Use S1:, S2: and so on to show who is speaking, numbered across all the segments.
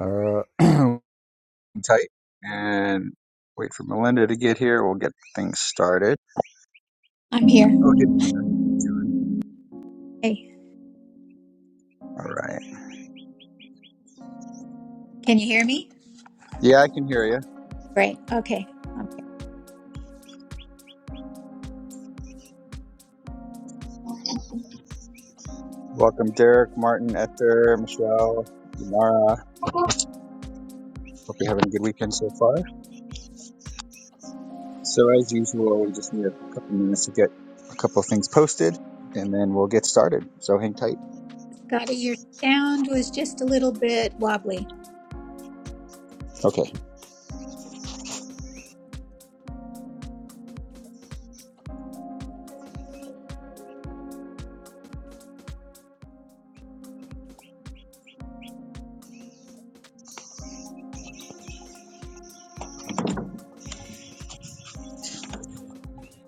S1: Uh, tight and wait for Melinda to get here. We'll get things started.
S2: I'm here.
S1: Okay.
S2: Hey,
S1: All right.
S2: can you hear me?
S1: Yeah, I can hear you.
S2: Great. Okay. I'm
S1: Welcome, Derek, Martin, Esther, Michelle, Yamara. Hope you're having a good weekend so far. So, as usual, we just need a couple minutes to get a couple of things posted and then we'll get started. So, hang tight.
S2: here. Scotty, your sound was just a little bit wobbly.
S1: Okay.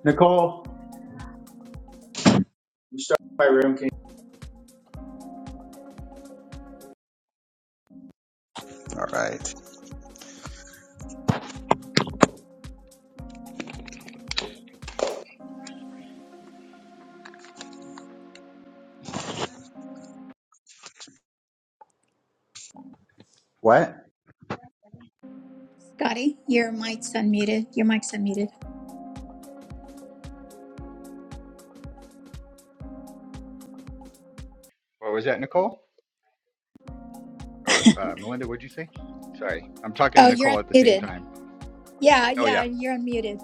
S1: Nicole, you start my room. Can you- All right. What?
S2: Scotty, your mic's unmuted. Your mic's unmuted.
S1: What was that, Nicole? Or uh, Melinda, what'd you say? Sorry, I'm talking to
S2: Oh, you're
S1: Nicole at the same
S2: unmuted.
S1: time.
S2: Yeah,
S1: Oh yeah.
S2: yeah, you're unmuted.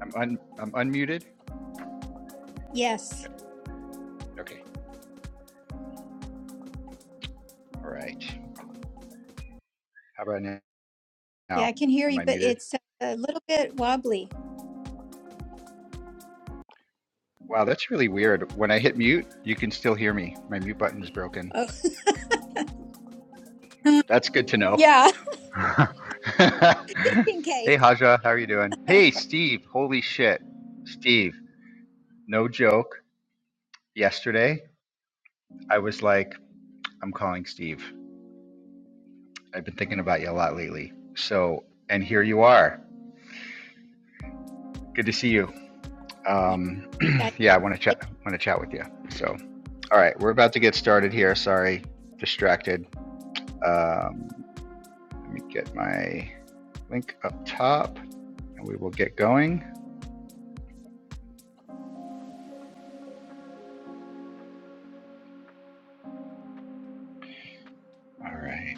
S1: I'm un, I'm unmuted. Yeah,
S2: Yes.
S1: Okay. All right. How about now?
S2: Yeah, I can hear
S1: Am
S2: you,
S1: I
S2: but
S1: muted?
S2: it's a little bit wobbly.
S1: Wow, that's really weird. When I hit mute, you can still hear me. My mute button is broken.
S2: Oh,
S1: That's good to know.
S2: yeah,
S1: hey,
S2: in case.
S1: Haja, how are you doing? Hey, Steve. Holy shit, Steve. No joke. Yesterday, I was like, I'm calling Steve. I've been thinking about you a lot lately. So, and here you are. Good to see you.
S2: You
S1: Um,
S2: guys,
S1: yeah, I want to chat. Want to chat with you. So. All right, we're about to get started here. Sorry, distracted. Um, let me get my link up top and we will get going. All right.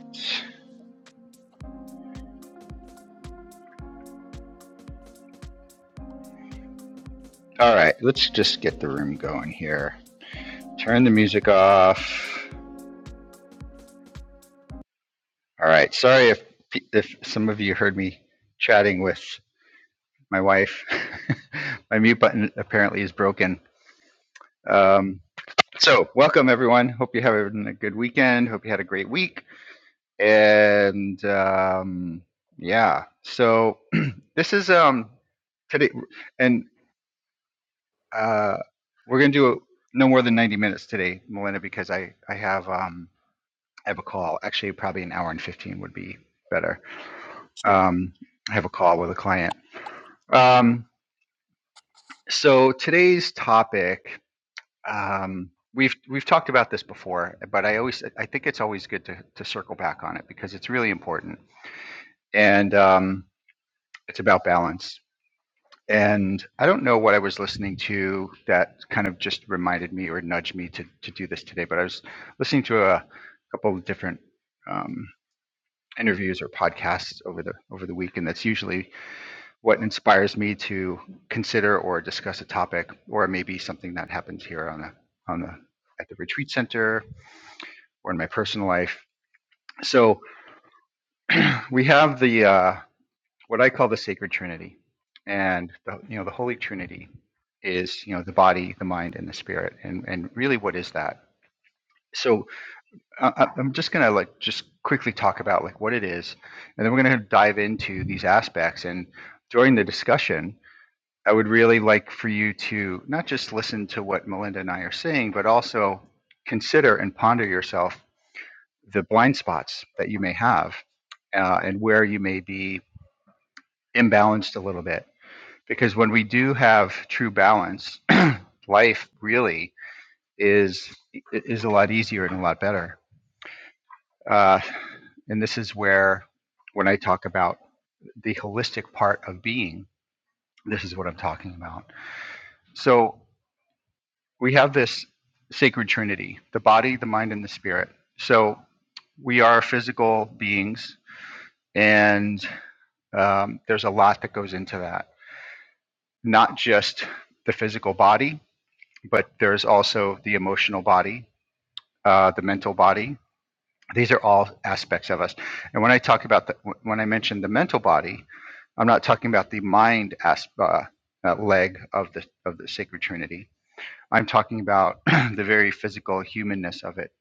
S1: All right, let's just get the room going here. Turn the music off. All right, sorry if, if some of you heard me chatting with my wife. my mute button apparently is broken. Um, so, welcome everyone. Hope you're having a good weekend. Hope you had a great week. and um, yeah so this is um today and uh we're gonna do a, no more than 90 minutes today melinda because i i have um i have a call actually probably an hour and 15 would be better
S2: sure.
S1: um i have a call with a client um so today's topic um we've we've talked about this before but i always i think it's always good to to circle back on it because it's really important and um It's about balance. And I don't know what I was listening to that kind of just reminded me or nudged me to, to do this today, but I was listening to a couple of different um, interviews or podcasts over the over the week, and that's usually what inspires me to consider or discuss a topic, or maybe something that happens here on the on the at the retreat center or in my personal life. So we have the uh, what I call the sacred trinity. And the, you know, the holy trinity is, you know, the body, the mind and the spirit. And and really what is that? So uh, I- am just going to like just quickly talk about like what it is and then we're going to dive into these aspects and during the discussion I would really like for you to not just listen to what Melinda and I are saying, but also consider and ponder yourself the blind spots that you may have uh, and where you may be imbalanced a little bit because when we do have true balance, life really is is a lot easier and a lot better. Uh, and this is where, when I talk about the holistic part of being, this is what I'm talking about. So we have this sacred trinity: the body, the mind, and the spirit. So we are physical beings, and um, there's a lot that goes into that. Not just the physical body, but there's also the emotional body, uh, the mental body. These are all aspects of us. And when I talk about the, when I mention the mental body, I'm not talking about the mind as, uh, uh, leg of the of the sacred Trinity. I'm talking about the very physical humanness of it,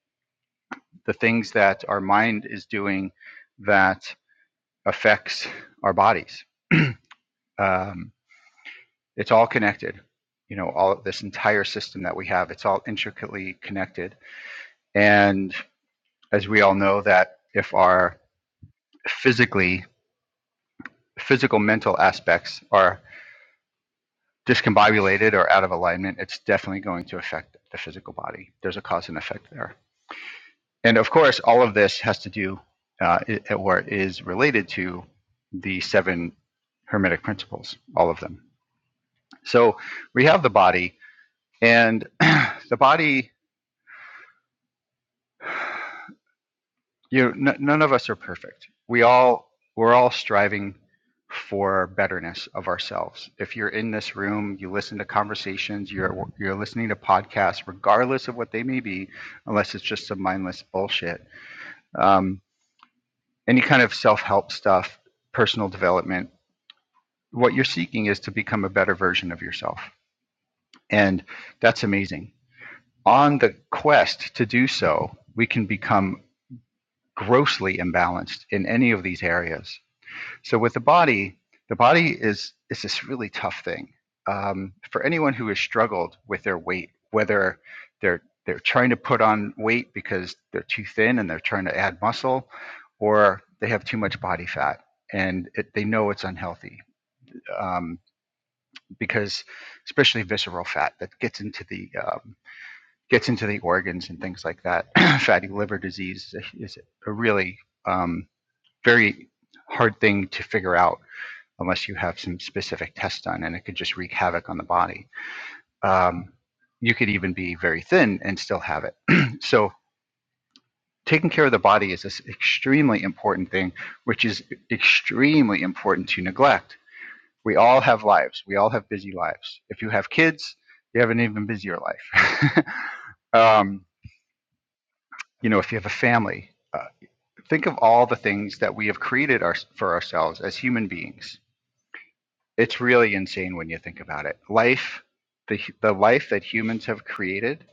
S1: the things that our mind is doing that affects our bodies. Um, it's all connected. You know, all of this entire system that we have, it's all intricately connected. And as we all know, that if our physically physical mental aspects are discombobulated or out of alignment, it's definitely going to affect the physical body. There's a cause and effect there. And of course, all of this has to do uh, or is related to the seven hermetic principles, all of them. So we have the body, and the body you know, n- none of us are perfect. We all we're all striving for betterness of ourselves. If you're in this room, you listen to conversations, you're you're listening to podcasts, regardless of what they may be, unless it's just some mindless bullshit. Um, any kind of self help stuff, personal development. What you're seeking is to become a better version of yourself, and that's amazing. On the quest to do so, we can become grossly imbalanced in any of these areas So with the body, the body is is this really tough thing um, for anyone who has struggled with their weight, whether they're they're trying to put on weight because they're too thin and they're trying to add muscle, or they have too much body fat and it, they know it's unhealthy um, because especially visceral fat that gets into the um, gets into the organs and things like that. Fatty liver disease is a, really um, very hard thing to figure out unless you have some specific test done, and it could just wreak havoc on the body. Um, you could even be very thin and still have it. so taking care of the body is this extremely important thing, which is extremely important to neglect. We all have lives. We all have busy lives. If you have kids, you have an even busier life. um, you know, if you have a family, uh, think of all the things that we have created our, for ourselves as human beings It's really insane when you think about it. Life, the the life that humans have created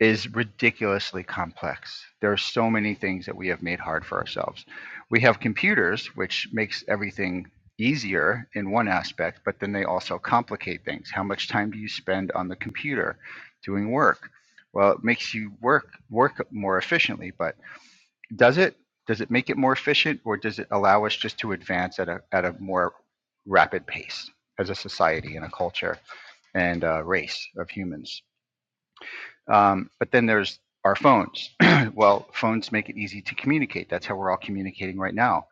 S1: is ridiculously complex. There are so many things that we have made hard for ourselves. We have computers which makes everything easier in one aspect, but then they also complicate things. How much time do you spend on the computer doing work? Well, it makes you work work more efficiently, but does it? Does it make it more efficient, or does it allow us just to advance at a at a more rapid pace as a society and a culture and a race of humans? Um, but then there's our phones. well, phones make it easy to communicate. That's how we're all communicating right now.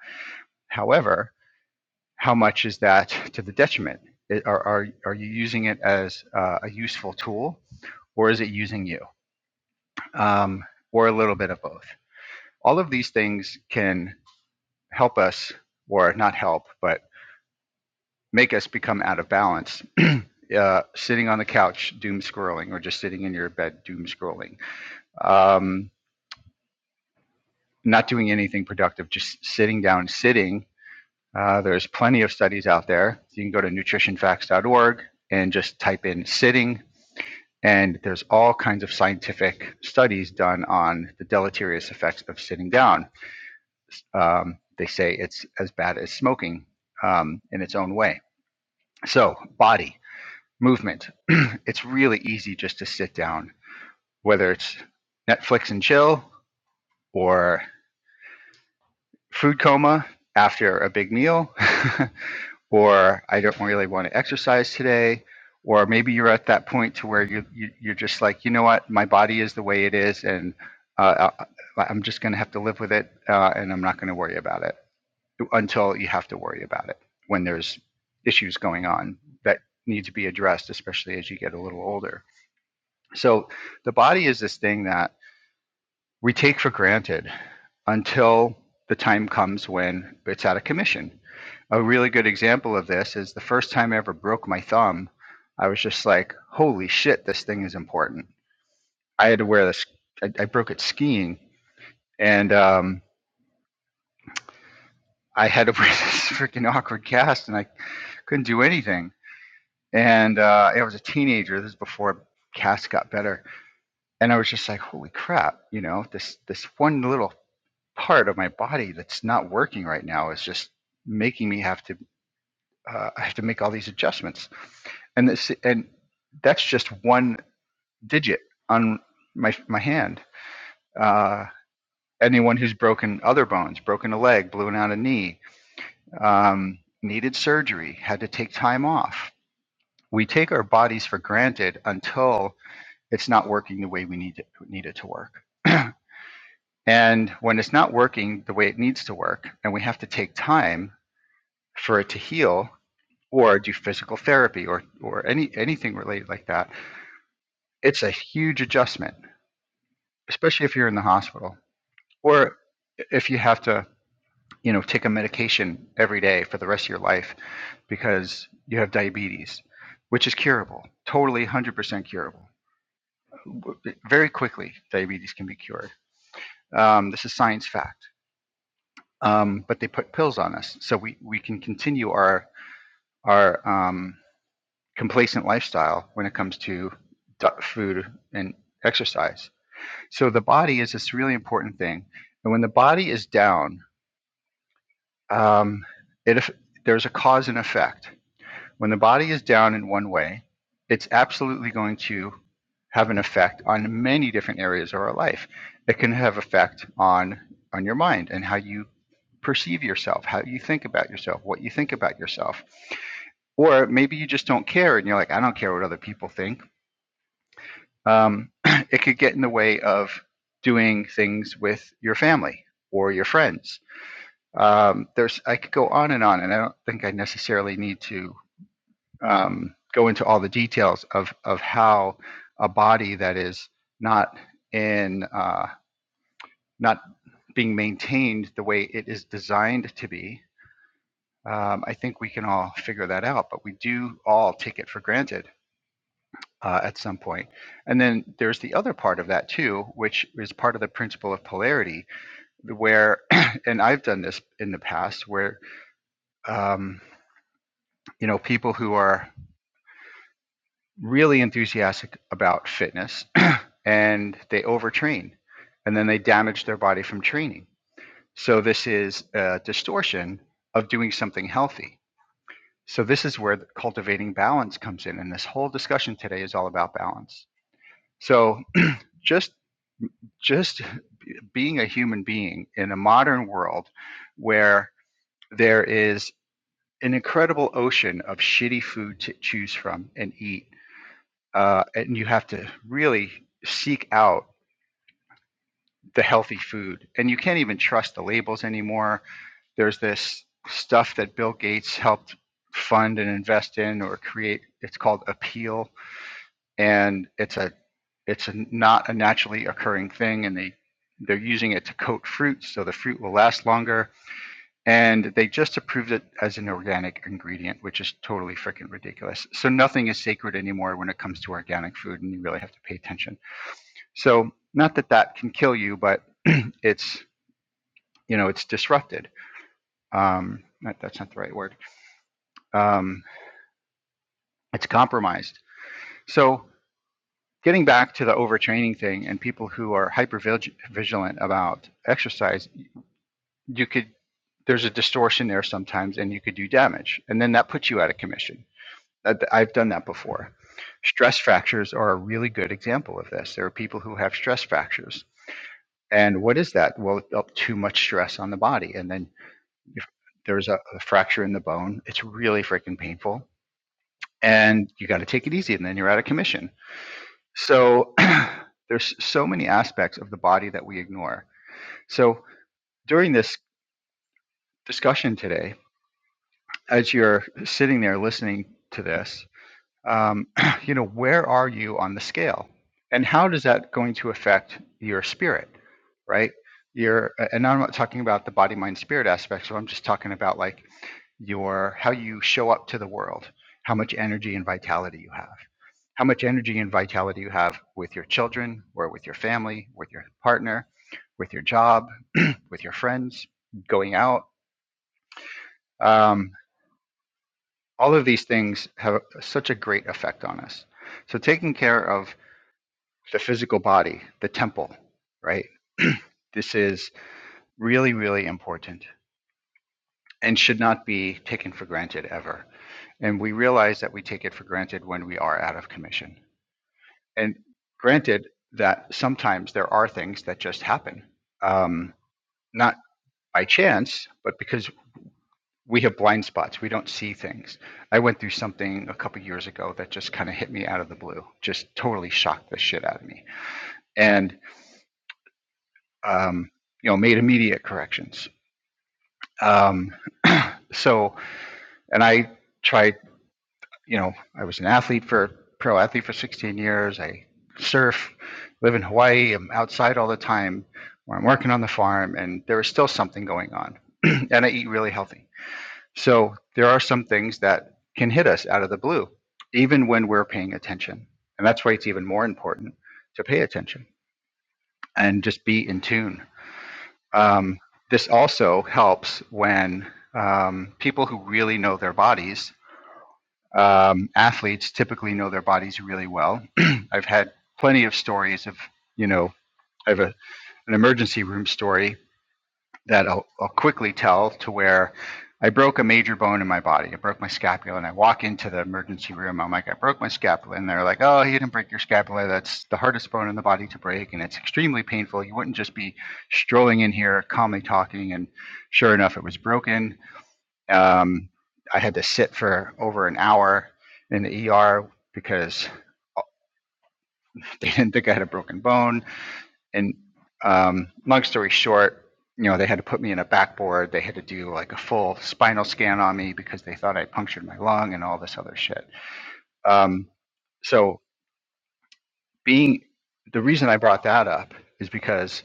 S1: However, how much is that to the detriment? It- Are are are you using it as uh, a useful tool, or is it using you, um, or a little bit of both? All of these things can help us, or not help, but make us become out of balance. uh, sitting on the couch, doom scrolling, or just sitting in your bed, doom scrolling. Um, not doing anything productive, just sitting down, sitting. Uh, there's plenty of studies out there. You can go to nutritionfacts.org and just type in sitting, and there's all kinds of scientific studies done on the deleterious effects of sitting down. Um, they say it's as bad as smoking um, in its own way. So, body. movement. it's really easy just to sit down, whether it's Netflix and chill or food coma after a big meal, or I don't really want to exercise today. Or maybe you're at that point to where you, you you're just like, you know what, my body is the way it is, and uh, uh, I- I'm just going to have to live with it, uh, and I'm not going to worry about it until you have to worry about it when there's issues going on that need to be addressed, especially as you get a little older So the body is this thing that we take for granted until the time comes when it's out of commission. A really good example of this is the first time I ever broke my thumb, I was just like, holy shit, this thing is important. I had to wear this, I, I broke it skiing and um, I had to wear this freaking awkward cast and I couldn't do anything. And uh, I was a teenager, this is before casts got better and I was just like, holy crap, you know, this this one little part of my body that's not working right now is just making me have to uh, I have to make all these adjustments. And this and that's just one digit on my my hand. Uh, anyone who's broken other bones, broken a leg, blown out a knee, um, needed surgery, had to take time off. We take our bodies for granted until it's not working the way we need it, need it to work. And when it's not working the way it needs to work, and we have to take time for it to heal or do physical therapy or, or any anything related like that, it's a huge adjustment, especially if you're in the hospital or if you have to, you know, take a medication every day for the rest of your life because you have diabetes, which is curable, totally 100% curable. Very quickly, diabetes can be cured. Um, this is science fact um, but they put pills on us. So we, we can continue our our um, complacent lifestyle when it comes to food and exercise. So the body is this really important thing, and when the body is down, um, it there's a cause and effect When the body is down in one way, it's absolutely going to have an effect on many different areas of our life. It can have effect on on your mind and how you perceive yourself, how you think about yourself, what you think about yourself. Or maybe you just don't care and you're like, I don't care what other people think. Um, it could get in the way of doing things with your family or your friends. Um, there's, I could go on and on, and I don't think I necessarily need to um, go into all the details of of how a body that is not in uh, not being maintained the way it is designed to be. Um, I think we can all figure that out, but we do all take it for granted uh, at some point. And then there's the other part of that too, which is part of the principle of polarity, where, and I've done this in the past, where um, you know people who are really enthusiastic about fitness and they overtrain and then they damage their body from training. So, this is a distortion of doing something healthy. So, this is where cultivating balance comes in. And this whole discussion today is all about balance. So, just just being a human being in a modern world where there is an incredible ocean of shitty food to choose from and eat, uh, and you have to really seek out the healthy food. And you can't even trust the labels anymore. There's this stuff that Bill Gates helped fund and invest in or create. It's called Appeal, and it's a it's a, not a naturally occurring thing, and they they're using it to coat fruit so the fruit will last longer. And they just approved it as an organic ingredient, which is totally freaking ridiculous. So nothing is sacred anymore when it comes to organic food, and you really have to pay attention. So not that that can kill you, but it's you know it's disrupted um that, that's not the right word um it's compromised so getting back to the overtraining thing and people who are hyper vigilant about exercise you could there's a distortion there sometimes and you could do damage and then that puts you out of commission i've done that before stress fractures are a really good example of this there are people who have stress fractures and what is that well too much stress on the body and then if there's a, a fracture in the bone it's really freaking painful and you got to take it easy and then you're out of commission so there's so many aspects of the body that we ignore so during this discussion today as you're sitting there listening to this um, you know where are you on the scale and how does that going to affect your spirit right your and now i'm not talking about the body mind spirit aspects so i'm just talking about like your how you show up to the world how much energy and vitality you have how much energy and vitality you have with your children or with your family, with your partner, with your job, with your friends, going out. Um, all of these things have such a great effect on us. So, taking care of the physical body, the temple, right? this is really, really important and should not be taken for granted ever. And we realize that we take it for granted when we are out of commission and granted that sometimes there are things that just happen um, not by chance but because we have blind spots we don't see things i went through something a couple years ago that just kind of hit me out of the blue just totally shocked the shit out of me and um, you know made immediate corrections um, so and i try you know, I was an athlete for pro athlete for 16 years. I surf, live in Hawaii. I'm outside all the time, or I'm working on the farm, and there is still something going on. and I eat really healthy. So there are some things that can hit us out of the blue, even when we're paying attention. And that's why it's even more important to pay attention and just be in tune. Um, this also helps when um, people who really know their bodies um, athletes typically know their bodies really well. I've had plenty of stories of, you know, I have a, an emergency room story that I'll, I'll quickly tell to where I broke a major bone in my body. I broke my scapula, and I walk into the emergency room. I'm like, I broke my scapula. And they're like, oh, you didn't break your scapula. That's the hardest bone in the body to break, and it's extremely painful. You wouldn't just be strolling in here calmly talking. And sure enough, it was broken um, I had to sit for over an hour in the ER because uh, they didn't think I had a broken bone. And um, long story short, you know, they had to put me in a backboard. They had to do like a full spinal scan on me because they thought I punctured my lung and all this other shit. Um, so, being the reason I brought that up is because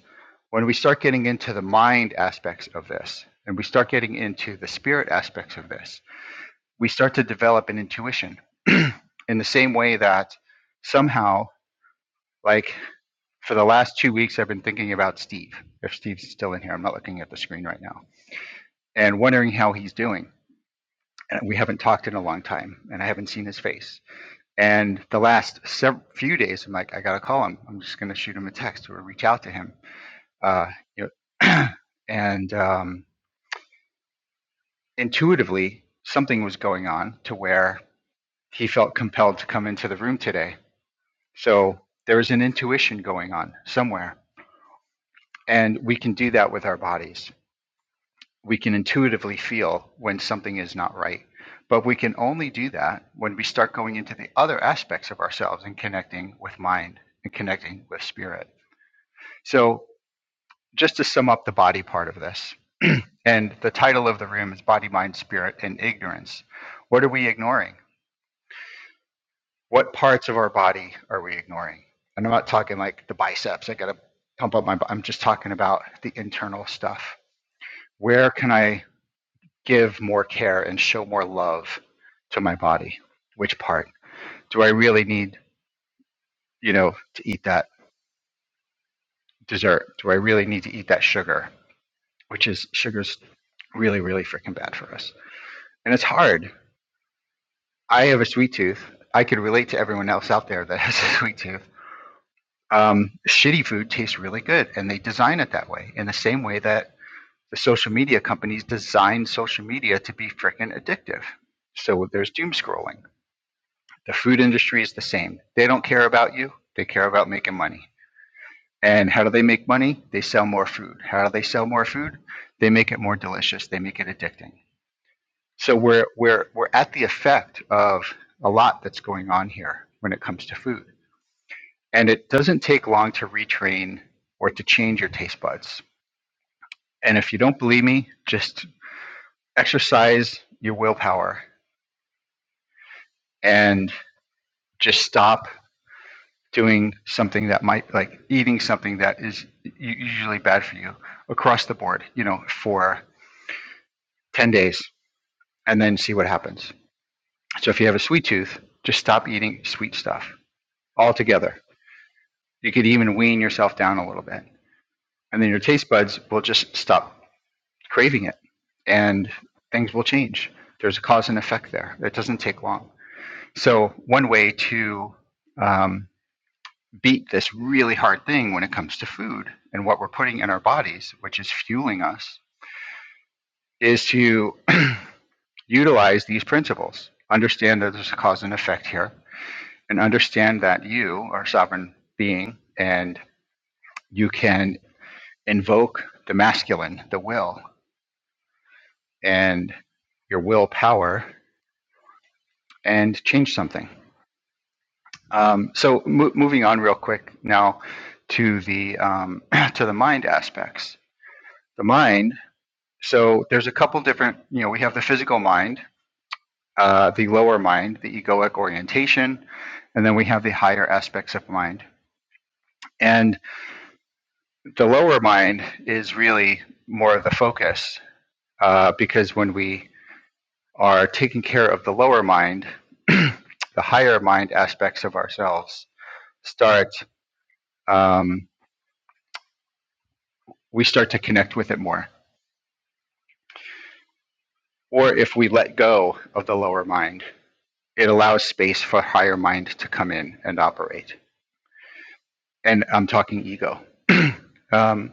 S1: when we start getting into the mind aspects of this and we start getting into the spirit aspects of this, we start to develop an intuition in the same way that somehow, like for the last two weeks, I've been thinking about Steve. If Steve's still in here, I'm not looking at the screen right now, and wondering how he's doing. And we haven't talked in a long time, and I haven't seen his face. And the last sev- few days, I'm like, I gotta call him. I'm just gonna shoot him a text or reach out to him. Uh, you know, and um, intuitively, something was going on to where he felt compelled to come into the room today So there is an intuition going on somewhere. And we can do that with our bodies. We can intuitively feel when something is not right. But we can only do that when we start going into the other aspects of ourselves and connecting with mind and connecting with spirit. So, just to sum up the body part of this, and the title of the room is Body, Mind, Spirit, and Ignorance. What are we ignoring? what parts of our body are we ignoring? And I'm not talking like the biceps. I got to pump up my. I'm just talking about the internal stuff. Where can I give more care and show more love to my body? Which part? Do I really need, you know, to eat that dessert? Do I really need to eat that sugar? Which is sugar's really, really freaking bad for us. And it's hard. I have a sweet tooth. I could relate to everyone else out there that has a sweet tooth um, shitty food tastes really good and they design it that way in the same way that the social media companies design social media to be freaking addictive so there's doom scrolling the food industry is the same they don't care about you they care about making money and how do they make money they sell more food how do they sell more food they make it more delicious they make it addicting so we're we're we're at the effect of a lot that's going on here when it comes to food And it doesn't take long to retrain or to change your taste buds. And if you don't believe me, just exercise your willpower and just stop doing something that might like eating something that is usually bad for you across the board, you know, for 10 days and then see what happens. So if you have a sweet tooth, just stop eating sweet stuff altogether. You could even wean yourself down a little bit. And then your taste buds will just stop craving it and things will change. There's a cause and effect there. It doesn't take long. So, one way to um, beat this really hard thing when it comes to food and what we're putting in our bodies, which is fueling us, is to utilize these principles. Understand that there's a cause and effect here, and understand that you are a sovereign being and you can invoke the masculine, the will, and your willpower and change something Um, so mo- moving on real quick now to the um, to the mind aspects. The mind. So there's a couple different. You know, we have the physical mind, uh, the lower mind, the egoic orientation, and then we have the higher aspects of mind. And the lower mind is really more of the focus uh, because when we are taking care of the lower mind, the higher mind aspects of ourselves start. Um, we start to connect with it more Or if we let go of the lower mind, it allows space for higher mind to come in and operate. And I'm talking ego. um,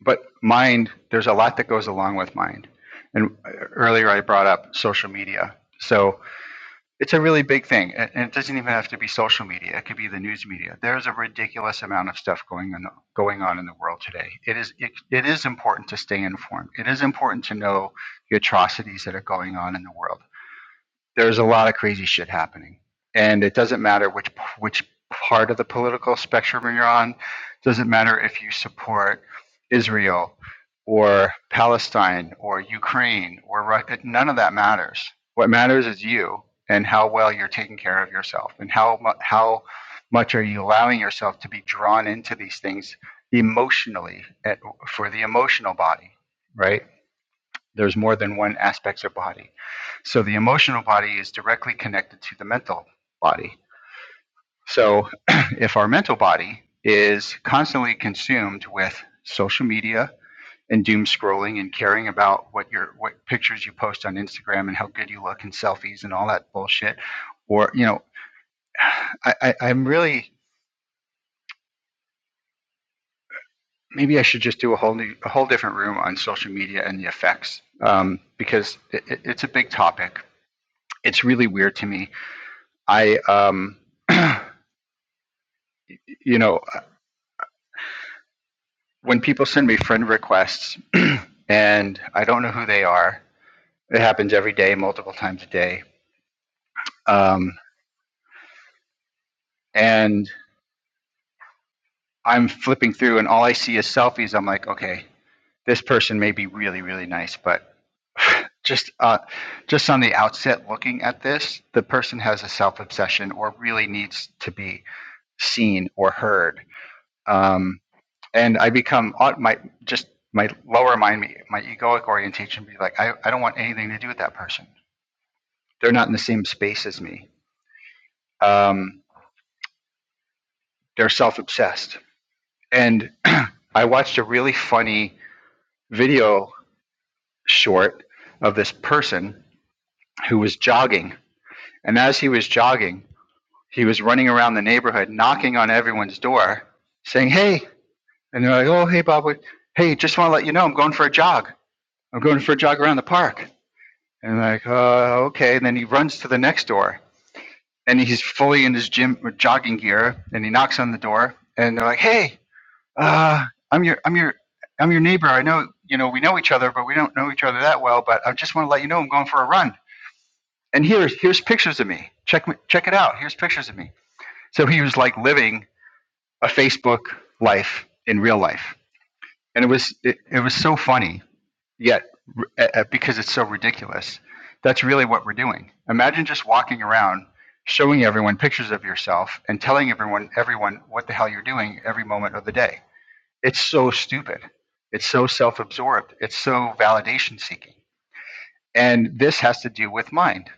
S1: but mind, there's a lot that goes along with mind. And earlier I brought up social media. So it's a really big thing. And it doesn't even have to be social media, it could be the news media. There's a ridiculous amount of stuff going on, going on in the world today. It is, it, it is important to stay informed, it is important to know the atrocities that are going on in the world there's a lot of crazy shit happening, and it doesn't matter which which part of the political spectrum you're on. It Doesn't matter if you support Israel or Palestine or Ukraine or Russia. None of that matters. What matters is you and how well you're taking care of yourself and how mu- how much are you allowing yourself to be drawn into these things emotionally at, for the emotional body, right? There's more than one aspect of body. So the emotional body is directly connected to the mental body. So if our mental body is constantly consumed with social media and doom scrolling and caring about what your what pictures you post on Instagram and how good you look and selfies and all that bullshit, or you know, I, I, I'm really maybe I should just do a whole new a whole different room on social media and the effects um, because it, it, it's a big topic. It's really weird to me I, um, you know, when people send me friend requests and I don't know who they are, it happens every day, multiple times a day. Um, and I'm flipping through and all I see is selfies. I'm like, okay, this person may be really, really nice, but just, uh, just on the outset looking at this, the person has a self obsession or really needs to be seen or heard. Um, and I become uh, my just my lower mind, my, my egoic orientation, be like, I, I don't want anything to do with that person. They're not in the same space as me. Um, they're self obsessed. And I watched a really funny video short of this person who was jogging, and as he was jogging, he was running around the neighborhood, knocking on everyone's door, saying, "Hey," and they're like, "Oh, hey, Bob, hey, just want to let you know, I'm going for a jog. I'm going for a jog around the park." And like, uh, okay. And then he runs to the next door and he's fully in his gym or jogging gear and he knocks on the door and they're like, Hey, uh, I'm your, I'm your, I'm your neighbor. I know, you know, we know each other, but we don't know each other that well, but I just want to let you know I'm going for a run. And here's, here's pictures of me. Check me, check it out. Here's pictures of me. So he was like living a Facebook life in real life. And it was, it, it was so funny yet uh, uh, because it's so ridiculous that's really what we're doing imagine just walking around showing everyone pictures of yourself and telling everyone everyone what the hell you're doing every moment of the day it's so stupid it's so self-absorbed it's so validation seeking and this has to do with mind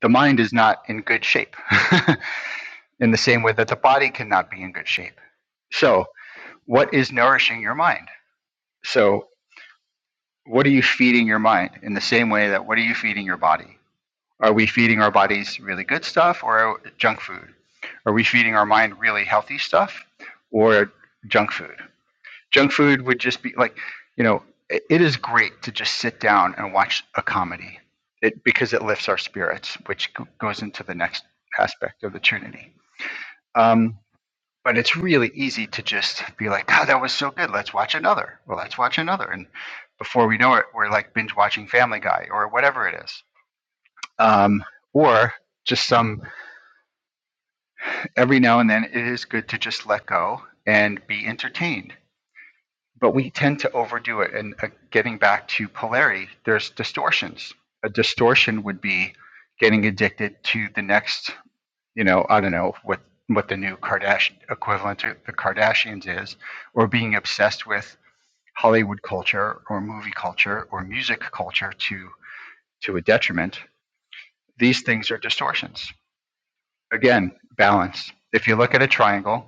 S1: the mind is not in good shape in the same way that the body cannot be in good shape so what is nourishing your mind so what are you feeding your mind in the same way that what are you feeding your body Are we feeding our bodies really good stuff or junk food? Are we feeding our mind really healthy stuff or junk food? Junk food would just be like, you know, it is great to just sit down and watch a comedy it, because it lifts our spirits, which goes into the next aspect of the Trinity. Um, but it's really easy to just be like, God, that was so good. Let's watch another. Well, let's watch another. And before we know it, we're like binge watching Family Guy or whatever it is. Um, or just some every now and then it is good to just let go and be entertained. But we tend to overdo it. And uh, getting back to polarity, there's distortions. A distortion would be getting addicted to the next, you know, I don't know what what the new Kardashian equivalent to the Kardashians is, or being obsessed with Hollywood culture or movie culture or music culture to to a detriment. These things are distortions. Again, balance. If you look at a triangle,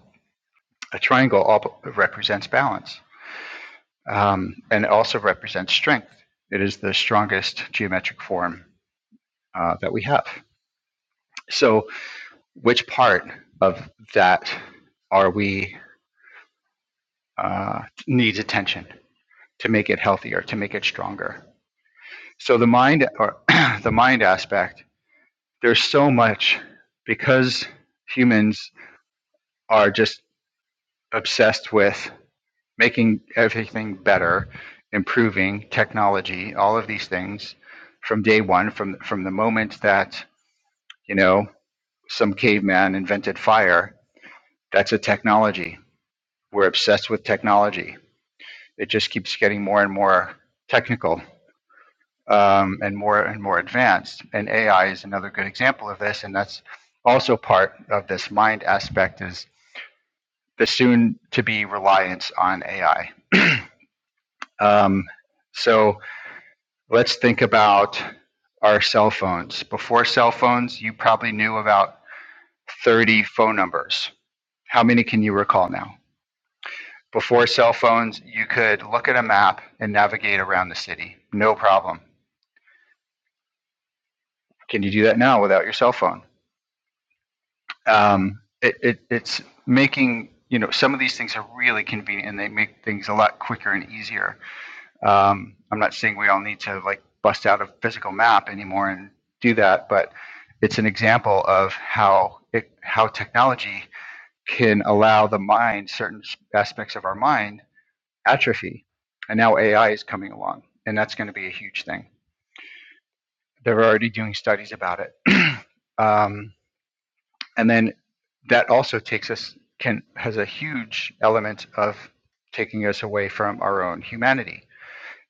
S1: A triangle op- represents balance um, and it also represents strength. It is the strongest geometric form uh, that we have. So, which part of that are we uh, needs attention to make it healthier, to make it stronger? So the mind or the mind aspect. There's so much because humans are just obsessed with making everything better, improving technology, all of these things from day one, from from the moment that you know some caveman invented fire. That's a technology. We're obsessed with technology. It just keeps getting more and more technical um, and more and more advanced. And AI is another good example of this. And that's also part of this mind aspect is the soon to be reliance on AI. Um, so Let's think about our cell phones. Before cell phones, you probably knew about 30 phone numbers. How many can you recall now? Before cell phones, you could look at a map and navigate around the city. No problem. Can you do that now without your cell phone? Um, it, it, it's making, you know, some of these things are really convenient and they make things a lot quicker and easier Um, I'm not saying we all need to like bust out a physical map anymore and do that, but it's an example of how it, how technology can allow the mind certain aspects of our mind atrophy, and now AI is coming along, and that's going to be a huge thing. They're already doing studies about it, um, and then that also takes us can has a huge element of taking us away from our own humanity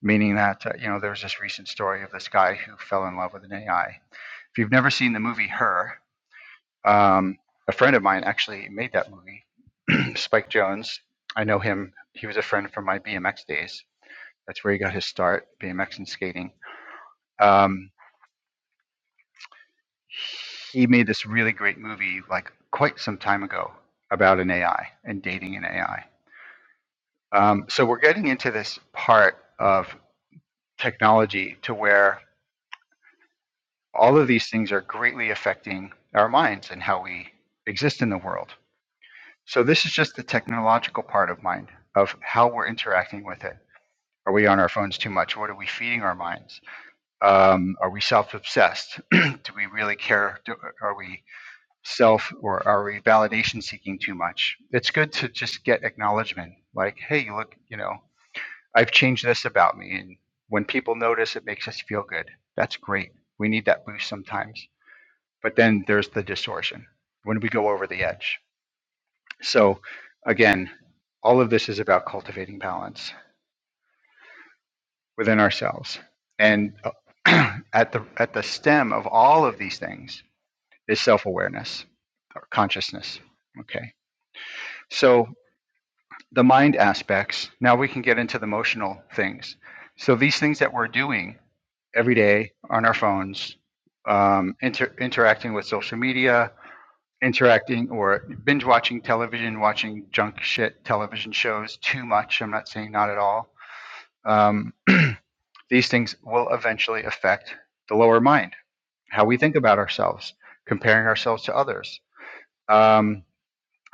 S1: meaning that uh, you know there was this recent story of this guy who fell in love with an AI. If you've never seen the movie Her, um, a friend of mine actually made that movie, Spike Jones. I know him. He was a friend from my BMX days. That's where he got his start, BMX and skating. Um, he made this really great movie, like quite some time ago, about an AI and dating an AI. Um, so we're getting into this part of technology to where all of these things are greatly affecting our minds and how we exist in the world. So this is just the technological part of mind of how we're interacting with it. Are we on our phones too much? What are we feeding our minds? Um, are we self-obsessed? Do we really care? Do, are we self or are we validation seeking too much? It's good to just get acknowledgement, like, hey, you look, you know, I've changed this about me, and when people notice, it makes us feel good. That's great. We need that boost sometimes but then there's the distortion when we go over the edge. So, again, all of this is about cultivating balance within ourselves. And uh, at the at the stem of all of these things is self-awareness or consciousness. Okay. So, the mind aspects, now we can get into the emotional things. So, these things that we're doing every day on our phones, um, inter- interacting with social media, interacting or binge watching television, watching junk shit television shows too much. I'm not saying not at all. Um, these things will eventually affect the lower mind, how we think about ourselves, comparing ourselves to others. Um,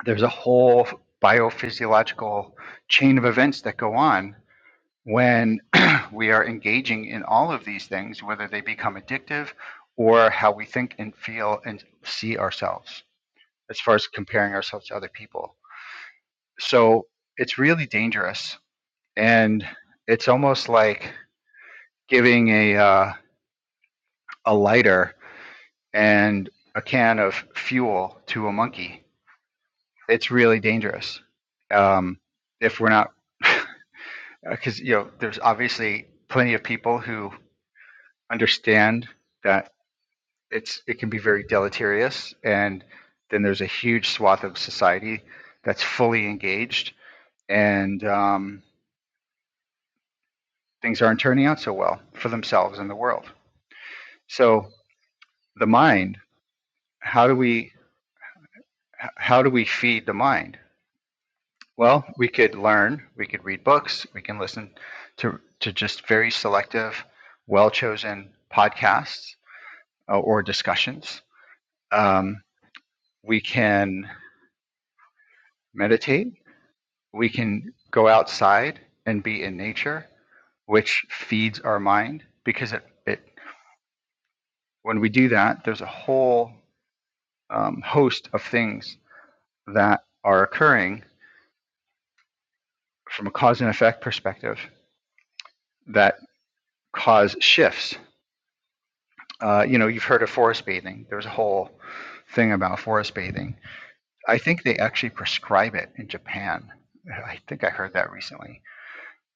S1: there's a whole biophysiological chain of events that go on when we are engaging in all of these things, whether they become addictive or how we think and feel and see ourselves as far as comparing ourselves to other people. so it's really dangerous and it's almost like giving a uh, a lighter and a can of fuel to a monkey it's really dangerous um, if we're not because you know there's obviously plenty of people who understand that it's it can be very deleterious and then there's a huge swath of society that's fully engaged and um, things aren't turning out so well for themselves and the world So the mind, how do we how do we feed the mind? Well, we could learn, we could read books, we can listen to to just very selective, well chosen podcasts uh, or discussions. Um, we can meditate. We can go outside and be in nature, which feeds our mind because it, it when we do that, there's a whole um, host of things that are occurring from a cause and effect perspective that cause shifts. Uh, you know, you've heard of forest bathing. There's a whole thing about forest bathing. I think they actually prescribe it in Japan. I think I heard that recently.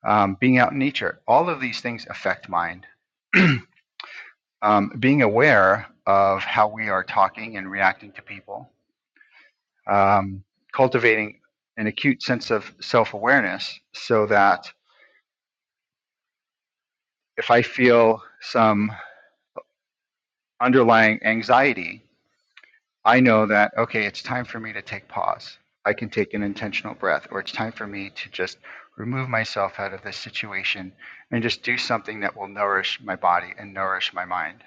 S1: Um, being out in nature, all of these things affect mind. um, being aware of how we are talking and reacting to people, um, cultivating an acute sense of self awareness so that if I feel some underlying anxiety, I know that, okay, it's time for me to take pause. I can take an intentional breath, or it's time for me to just remove myself out of this situation and just do something that will nourish my body and nourish my mind.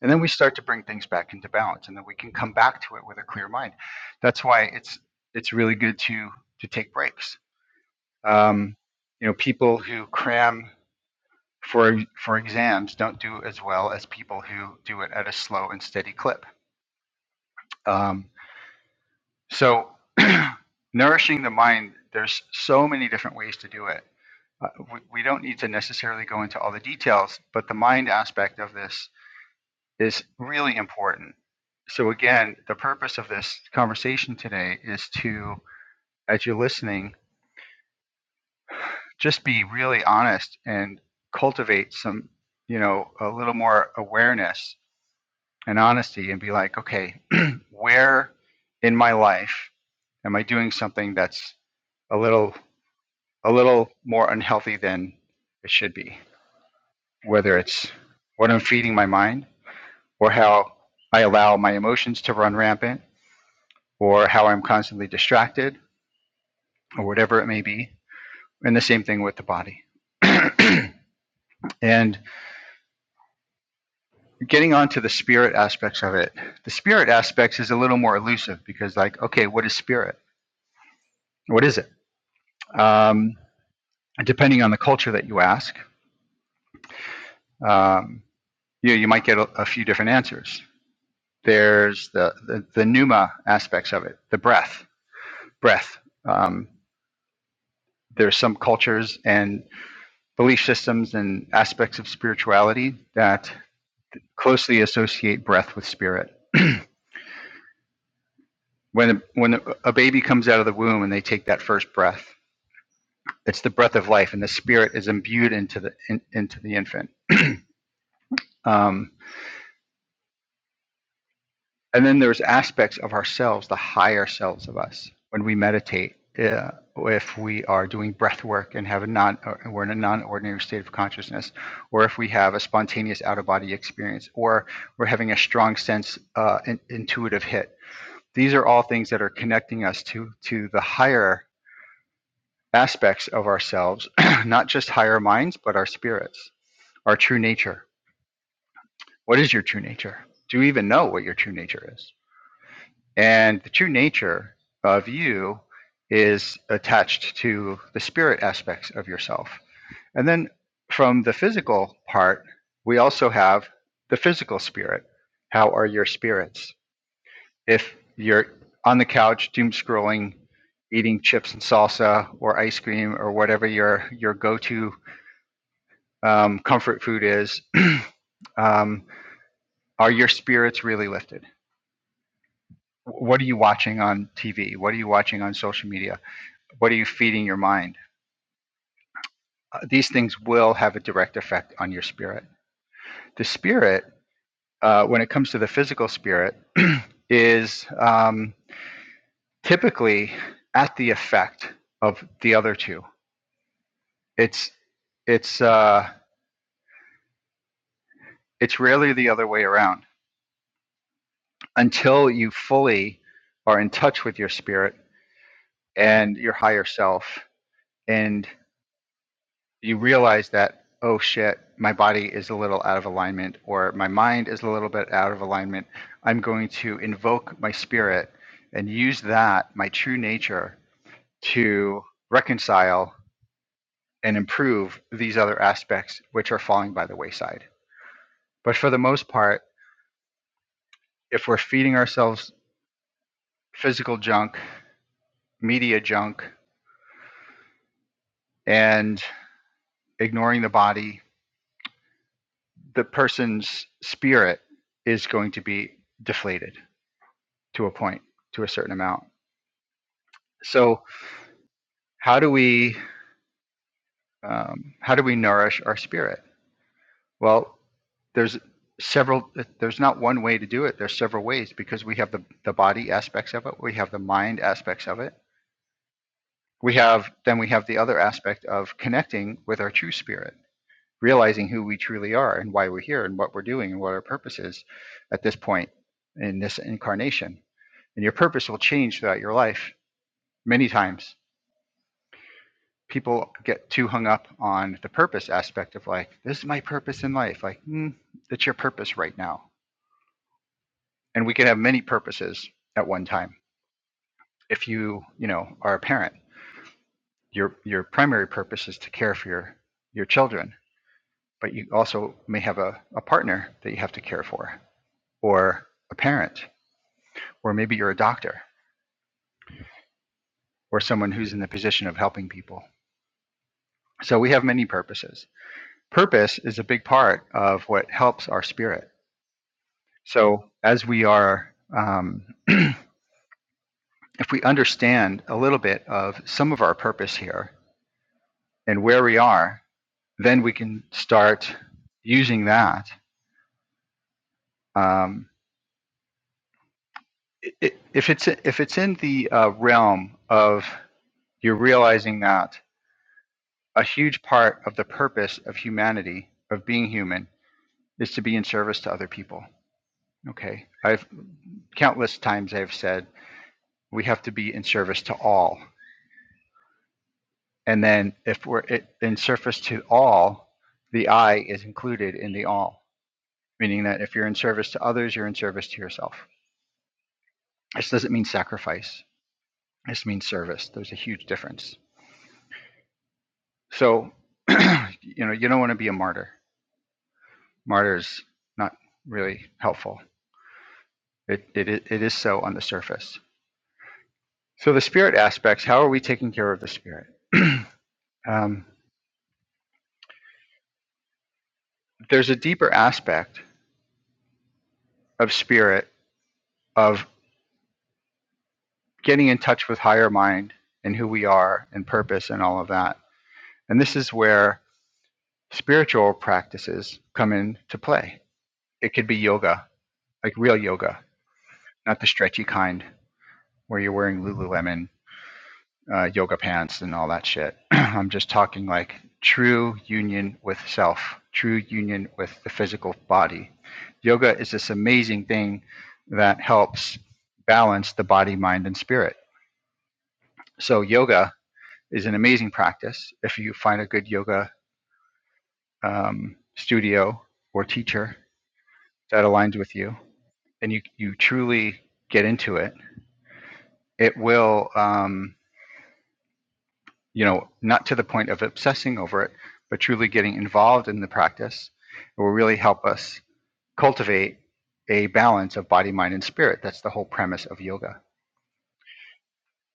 S1: And then we start to bring things back into balance, and then we can come back to it with a clear mind. That's why it's it's really good to to take breaks. Um, you know, people who cram for for exams don't do as well as people who do it at a slow and steady clip. Um, So, nourishing the mind, there's so many different ways to do it. Uh, we, we don't need to necessarily go into all the details, but the mind aspect of this is really important. So, again, the purpose of this conversation today is to, as you're listening, just be really honest and cultivate some, you know, a little more awareness and honesty and be like, okay, where in my life am I doing something that's a little a little more unhealthy than it should be, whether it's what I'm feeding my mind or how I allow my emotions to run rampant or how I'm constantly distracted or whatever it may be. And the same thing with the body. and getting on to the spirit aspects of it, the spirit aspects is a little more elusive because, like, okay, what is spirit? What is it? Um, depending on the culture that you ask, um, you, you might get a, a few different answers. There's the, the, the pneuma aspects of it, the breath, breath. Um, there's some cultures and belief systems and aspects of spirituality that closely associate breath with spirit. when when a baby comes out of the womb and they take that first breath, it's the breath of life, and the spirit is imbued into the in, into the infant. Um, And then there's aspects of ourselves, the higher selves of us, when we meditate. Uh, if we are doing breath work and have a non, or we're in a non-ordinary state of consciousness, or if we have a spontaneous out-of-body experience, or we're having a strong sense, uh, in, intuitive hit, these are all things that are connecting us to to the higher aspects of ourselves, not just higher minds, but our spirits, our true nature. What is your true nature? Do you even know what your true nature is? And the true nature of you is attached to the spirit aspects of yourself. And then from the physical part, we also have the physical spirit. How are your spirits? If you're on the couch doom scrolling, eating chips and salsa or ice cream or whatever your, your go to um, comfort food is, um, are your spirits really lifted? What are you watching on TV? What are you watching on social media? What are you feeding your mind? Uh, these things will have a direct effect on your spirit. The spirit, uh, when it comes to the physical spirit, is um, typically at the effect of the other two. It's it's uh, it's rarely the other way around until you fully are in touch with your spirit and your higher self and you realize that oh shit my body is a little out of alignment or my mind is a little bit out of alignment i'm going to invoke my spirit and use that my true nature to reconcile and improve these other aspects which are falling by the wayside but for the most part if we're feeding ourselves physical junk media junk and ignoring the body the person's spirit is going to be deflated to a point, to a certain amount. So how do we um, how do we nourish our spirit? Well, there's several. There's not one way to do it. There's several ways because we have the the body aspects of it. We have the mind aspects of it. We have then we have the other aspect of connecting with our true spirit, realizing who we truly are and why we're here and what we're doing and what our purpose is at this point in this incarnation. And your purpose will change throughout your life many times people get too hung up on the purpose aspect of like this is my purpose in life like mm, that's your purpose right now and we can have many purposes at one time if you you know are a parent your your primary purpose is to care for your your children but you also may have a, a partner that you have to care for or a parent or maybe you're a doctor or someone who's in the position of helping people so we have many purposes purpose is a big part of what helps our spirit So, as we are, um, if we understand a little bit of some of our purpose here and where we are, then we can start using that. Um, i- if it's if it's in the uh, realm of you're realizing that a huge part of the purpose of humanity of being human is to be in service to other people. Okay, I've countless times I've said we have to be in service to all And then if we're it, in service to all, the I is included in the all, meaning that if you're in service to others, you're in service to yourself. This doesn't mean sacrifice. This means service. There's a huge difference. So, you know, you don't want to be a martyr. Martyrs not really helpful. It, it, it is so on the surface. So the spirit aspects, how are we taking care of the spirit? um, there's a deeper aspect of spirit of getting in touch with higher mind and who we are and purpose and all of that. And this is where spiritual practices come into play. It could be yoga, like real yoga, not the stretchy kind where you're wearing Lululemon uh, yoga pants and all that shit. I'm just talking like true union with self, true union with the physical body. Yoga is this amazing thing that helps balance the body, mind, and spirit. So, yoga is an amazing practice if you find a good yoga um, studio or teacher that aligns with you and you, you truly get into it, it will, um, you know, not to the point of obsessing over it, but truly getting involved in the practice. It will really help us cultivate a balance of body, mind, and spirit. That's the whole premise of yoga.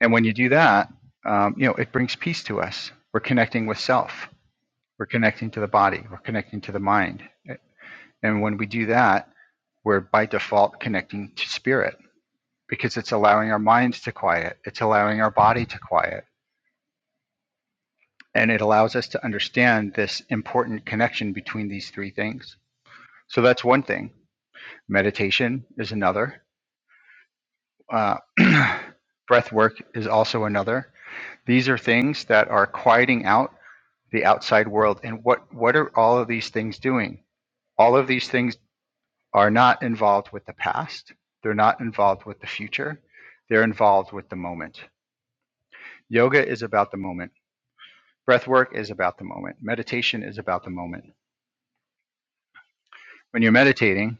S1: And when you do that, um, you know, it brings peace to us. We're connecting with self. We're connecting to the body. We're connecting to the mind. And when we do that, we're by default connecting to spirit because it's allowing our minds to quiet, it's allowing our body to quiet, and it allows us to understand this important connection between these three things. So that's one thing. Meditation is another, uh, breath work is also another. These are things that are quieting out the outside world. And what, what are all of these things doing? All of these things are not involved with the past. They're not involved with the future. They're involved with the moment. Yoga is about the moment. Breath work is about the moment. Meditation is about the moment. When you're meditating,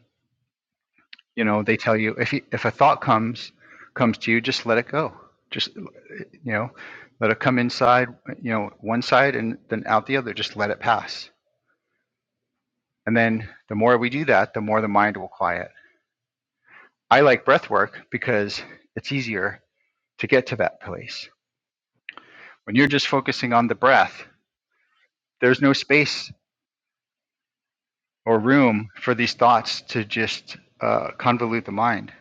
S1: you know, they tell you if you, if a thought comes comes to you, just let it go. Just you know, let it come inside, you know, one side and then out the other. Just let it pass. And then the more we do that, the more the mind will quiet. I like breath work because it's easier to get to that place When you're just focusing on the breath, there's no space or room for these thoughts to just uh, convolute the mind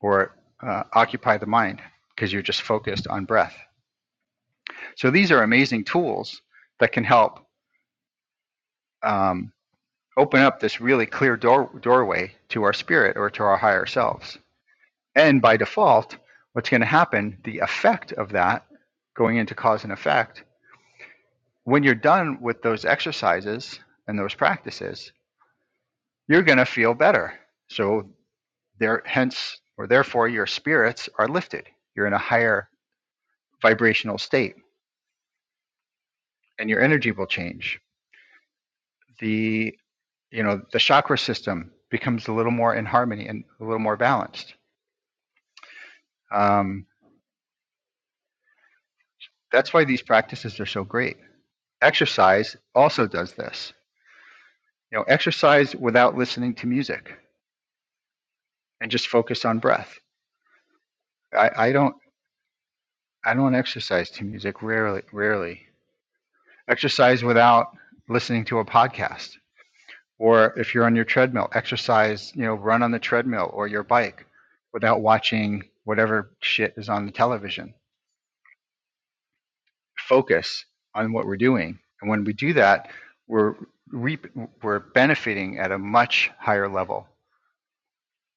S1: or uh, occupy the mind because you're just focused on breath. So these are amazing tools that can help um, open up this really clear door- doorway to our spirit or to our higher selves. And by default, what's going to happen, the effect of that going into cause and effect, when you're done with those exercises and those practices, you're going to feel better. So there, hence or therefore, your spirits are lifted. You're in a higher vibrational state, and your energy will change. The you know the chakra system becomes a little more in harmony and a little more balanced. Um, that's why these practices are so great. Exercise also does this. You know, exercise without listening to music and just focus on breath. I, I don't I don't exercise to music rarely rarely exercise without listening to a podcast or if you're on your treadmill exercise you know run on the treadmill or your bike without watching whatever shit is on the television focus on what we're doing and when we do that we're reap, we're benefiting at a much higher level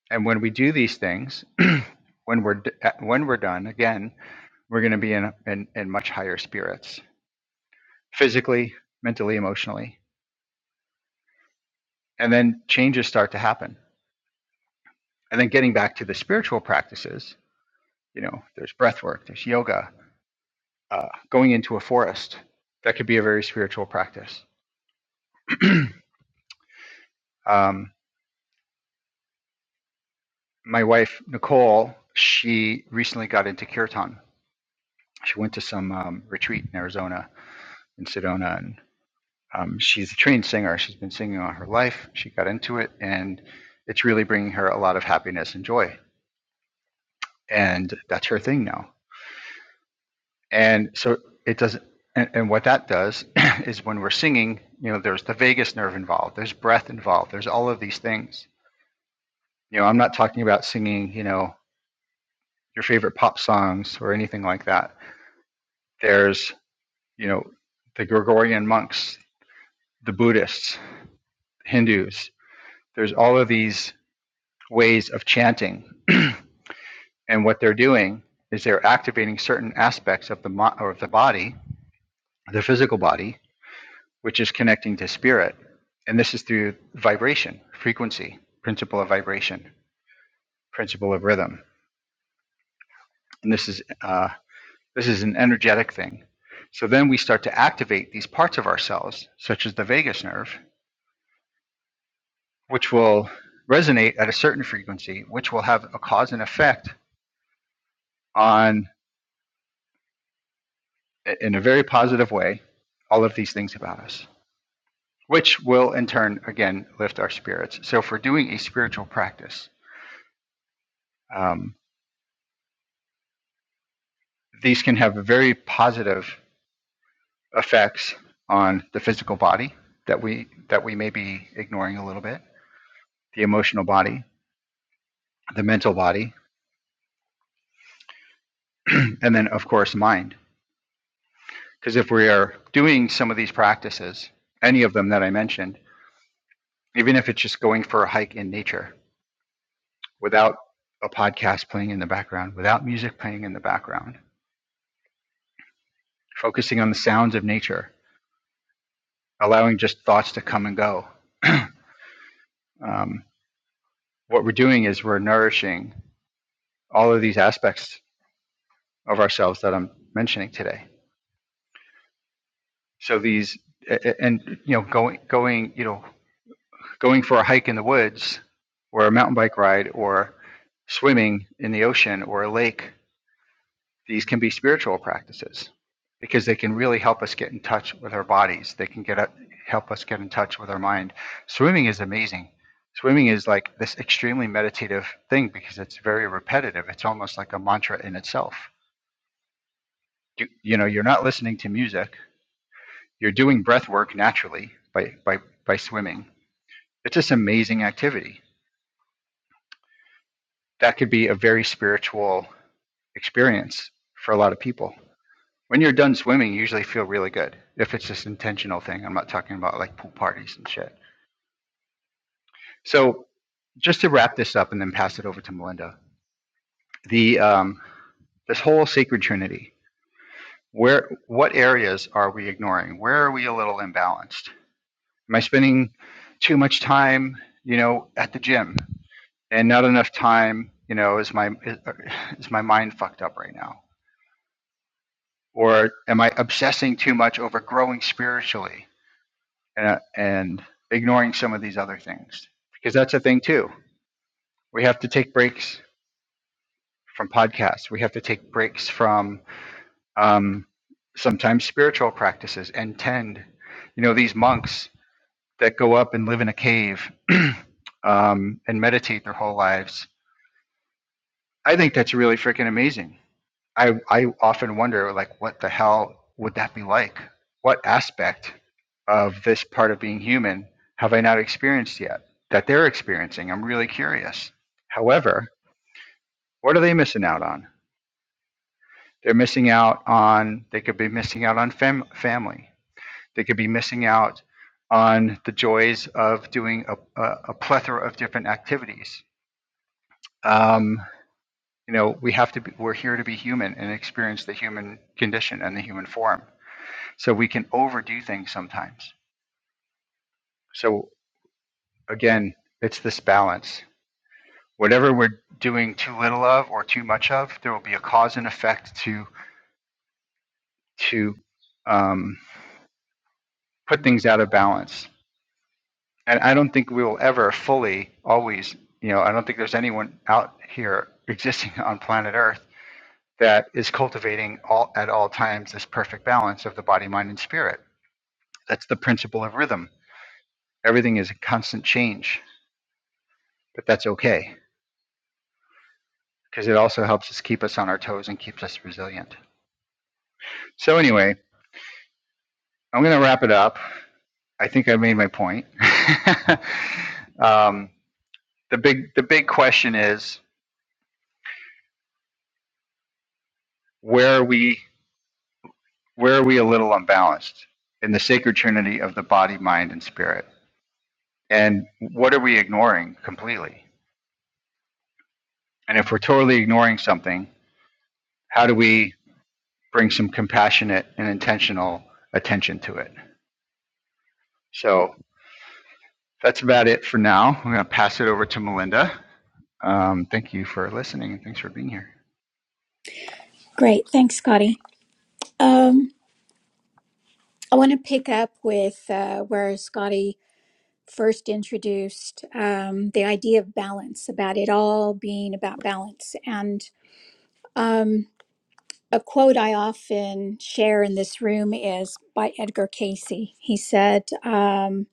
S1: and when we do these things when we're d- when we're done again we're going to be in, in in much higher spirits physically mentally emotionally and then changes start to happen and then getting back to the spiritual practices you know there's breath work there's yoga uh, going into a forest that could be a very spiritual practice um, my wife nicole she recently got into kirtan she went to some um, retreat in arizona in sedona and um, she's a trained singer she's been singing all her life she got into it and it's really bringing her a lot of happiness and joy and that's her thing now and so it doesn't and, and what that does is when we're singing you know there's the vagus nerve involved there's breath involved there's all of these things you know i'm not talking about singing you know your favorite pop songs or anything like that there's you know the gregorian monks the buddhists hindus there's all of these ways of chanting and what they're doing is they're activating certain aspects of the mo- or of the body the physical body which is connecting to spirit. And this is through vibration, frequency, principle of vibration, principle of rhythm. And this is uh, this is an energetic thing. So then we start to activate these parts of ourselves, such as the vagus nerve, which will resonate at a certain frequency, which will have a cause and effect on, in a very positive way, all of these things about us, which will in turn, again, lift our spirits. So if we're doing a spiritual practice, um, these can have a very positive effects on the physical body that we that we may be ignoring a little bit, the emotional body, the mental body, and then of course mind. Because if we are doing some of these practices, any of them that I mentioned, even if it's just going for a hike in nature without a podcast playing in the background, without music playing in the background, focusing on the sounds of nature, allowing just thoughts to come and go. um, what we're doing is we're nourishing all of these aspects of ourselves that I'm mentioning today. So these and you know going going you know going for a hike in the woods or a mountain bike ride or swimming in the ocean or a lake these can be spiritual practices because they can really help us get in touch with our bodies they can get up, help us get in touch with our mind swimming is amazing swimming is like this extremely meditative thing because it's very repetitive it's almost like a mantra in itself you, you know you're not listening to music You're doing breath work naturally by, by, by swimming. It's this amazing activity. That could be a very spiritual experience for a lot of people. When you're done swimming, you usually feel really good. If it's this intentional thing, I'm not talking about like pool parties and shit. So, just to wrap this up and then pass it over to Melinda, the um, this whole sacred trinity. Where what areas are we ignoring? Where are we a little imbalanced? Am I spending too much time, you know, at the gym and not enough time, you know, is my is, is my mind fucked up right now? Or am I obsessing too much over growing spiritually and, uh, and ignoring some of these other things? Because that's a thing too. We have to take breaks from podcasts. We have to take breaks from um, sometimes spiritual practices and tend. You know, these monks that go up and live in a cave um, and meditate their whole lives. I think that's really freaking amazing. I, I often wonder, like, what the hell would that be like? What aspect of this part of being human have I not experienced yet that they're experiencing? I'm really curious. However, what are they missing out on? They're missing out on, they could be missing out on fam- family. They could be missing out on the joys of doing a, a, a plethora of different activities um, you know we have to be, we're here to be human and experience the human condition and the human form so we can overdo things sometimes so again it's this balance whatever we're doing too little of or too much of there will be a cause and effect to to um, put things out of balance and i don't think we will ever fully always you know i don't think there's anyone out here existing on planet earth that is cultivating all at all times this perfect balance of the body mind and spirit That's the principle of rhythm. Everything is a constant change, but that's okay because it also helps us keep us on our toes and keeps us resilient. So, anyway, I'm going to wrap it up. I think I made my point. um, the big the big question is where are we where are we a little unbalanced in the sacred trinity of the body, mind, and spirit? And what are we ignoring completely? And if we're totally ignoring something, how do we bring some compassionate and intentional attention to it? So that's about it for now. I'm going to pass it over to Melinda. Um, thank you for listening and thanks for being here.
S2: Great. Thanks, Scotty. Um, I want to pick up with uh, where Scotty first introduced um, the idea of balance, about it all being about balance. And um, a quote I often share in this room is by Edgar Casey. He said, um,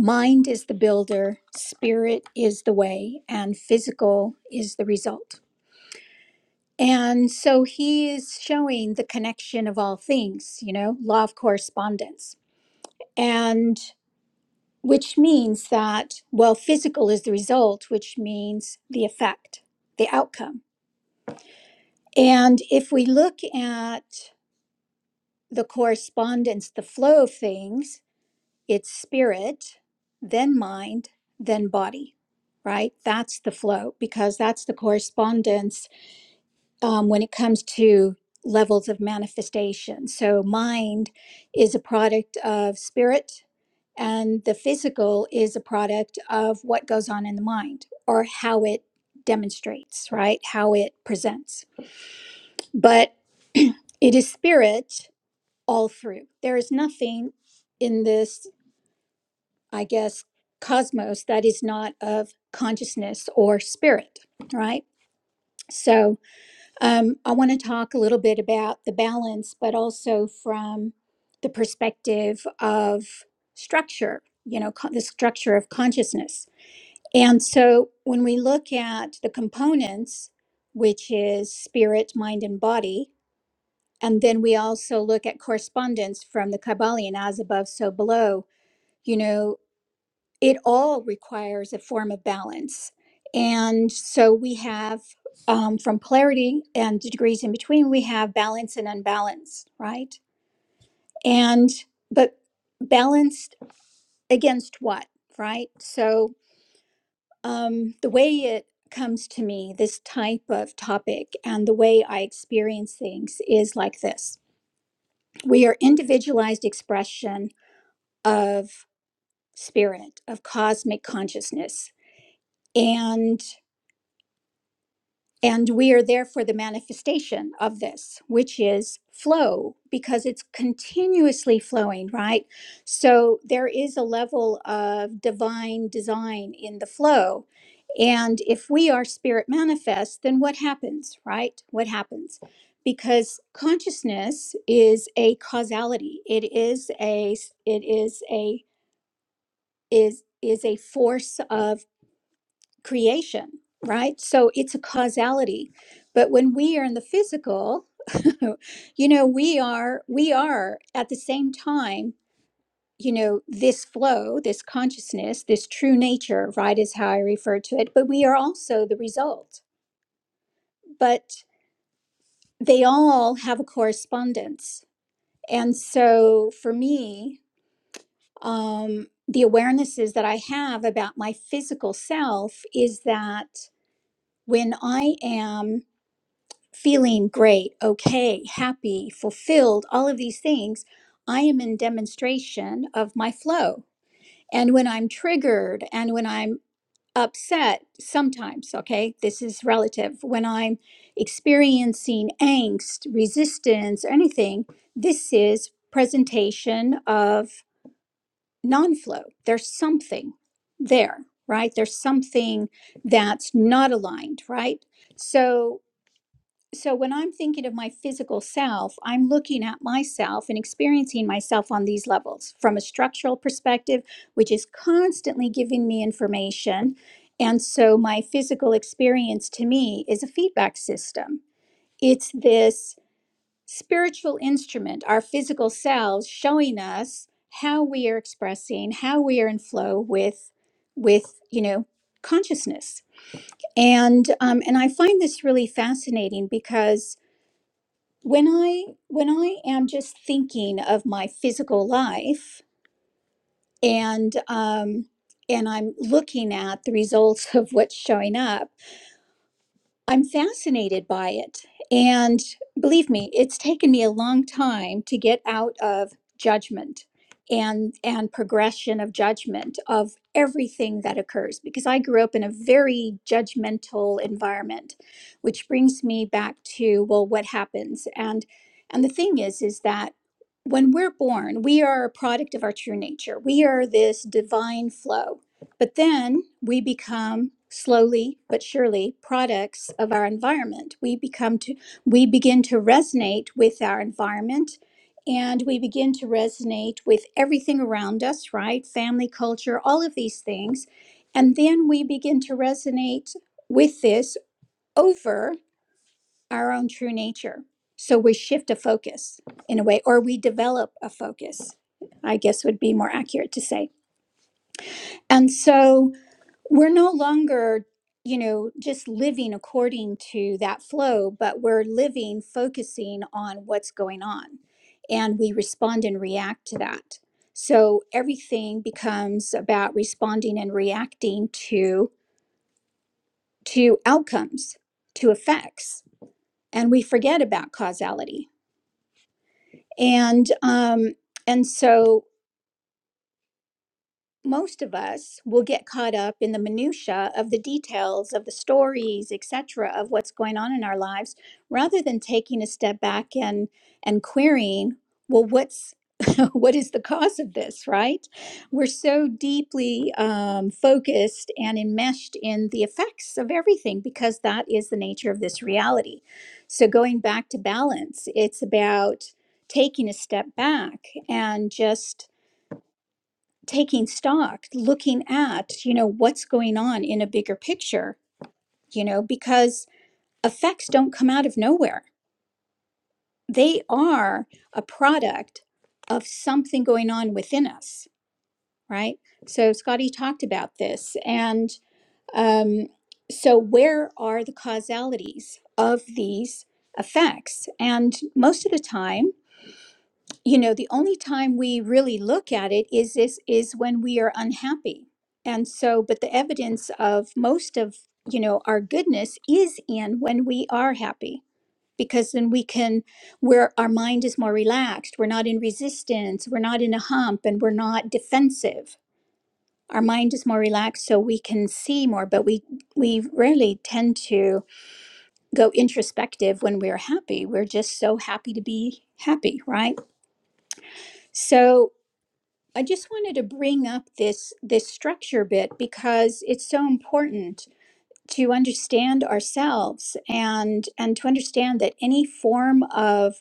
S2: Mind is the builder, spirit is the way, and physical is the result. And so he is showing the connection of all things, you know, law of correspondence. And which means that, well, physical is the result, which means the effect, the outcome. And if we look at the correspondence, the flow of things, it's spirit, then mind, then body, right? That's the flow because that's the correspondence um, when it comes to levels of manifestation. So, mind is a product of spirit, and the physical is a product of what goes on in the mind or how it demonstrates, right? How it presents. But it is spirit all through. There is nothing in this, I guess, cosmos that is not of consciousness or spirit, right? So, Um, I want to talk a little bit about the balance, but also from the perspective of structure, you know, co- the structure of consciousness. And so when we look at the components, which is spirit, mind, and body, and then we also look at correspondence from the Kabbalion, as above, so below, you know, it all requires a form of balance. And so we have um, from polarity and the degrees in between, we have balance and unbalance, right? And but balanced against what, right? So um, the way it comes to me, this type of topic and the way I experience things is like this we are individualized expression of spirit, of cosmic consciousness. And And we are there for the manifestation of this, which is flow, because it's continuously flowing, right? So there is a level of divine design in the flow. And if we are spirit manifest, then what happens, right? What happens? Because consciousness is a causality. It is a it is a is is a force of creation, right? So it's a causality. But when we are in the physical, you know, we are we are at the same time, you know, this flow, this consciousness, this true nature, right is how I refer to it, but we are also the result. But they all have a correspondence. And so for me, um the awarenesses that I have about my physical self is that when I am feeling great, okay, happy, fulfilled, all of these things, I am in demonstration of my flow. And when I'm triggered and when I'm upset, sometimes, okay, this is relative, when I'm experiencing angst, resistance, anything, this is presentation of non flow. There's something there, right? There's something that's not aligned, right? So so when I'm thinking of my physical self, I'm looking at myself and experiencing myself on these levels from a structural perspective, which is constantly giving me information. And so my physical experience to me is a feedback system. It's this spiritual instrument, our physical selves showing us how we are expressing, how we are in flow with with, you know, consciousness. And um, and I find this really fascinating because when i when i am just thinking of my physical life and um and i'm looking at the results of what's showing up I'm fascinated by it. And believe me, it's taken me a long time to get out of judgment and and progression of judgment of everything that occurs because I grew up in a very judgmental environment, which brings me back to well what happens and and the thing is is that when we're born, we are a product of our true nature. We are this divine flow but then we become slowly but surely products of our environment. We become to we begin to resonate with our environment and we begin to resonate with everything around us, right? Family, culture, all of these things. And then we begin to resonate with this over our own true nature. So we shift a focus in a way, or we develop a focus, I guess would be more accurate to say. And so we're no longer you know just living according to that flow but we're living focusing on what's going on and we respond and react to that so everything becomes about responding and reacting to to outcomes to effects and we forget about causality and um and so most of us will get caught up in the minutia of the details of the stories etc of what's going on in our lives rather than taking a step back and and querying well what's what is the cause of this right we're so deeply um, focused and enmeshed in the effects of everything because that is the nature of this reality so going back to balance it's about taking a step back and just taking stock, looking at, you know, what's going on in a bigger picture, you know, because effects don't come out of nowhere. They are a product of something going on within us, right? So Scotty talked about this. And um, so, where are the causalities of these effects? And most of the time, you know the only time we really look at it is this is when we are unhappy and so but the evidence of most of you know our goodness is in when we are happy because then we can where our mind is more relaxed we're not in resistance we're not in a hump and we're not defensive our mind is more relaxed so we can see more but we we rarely tend to go introspective when we're happy we're just so happy to be happy right so I just wanted to bring up this this structure bit because it's so important to understand ourselves and and to understand that any form of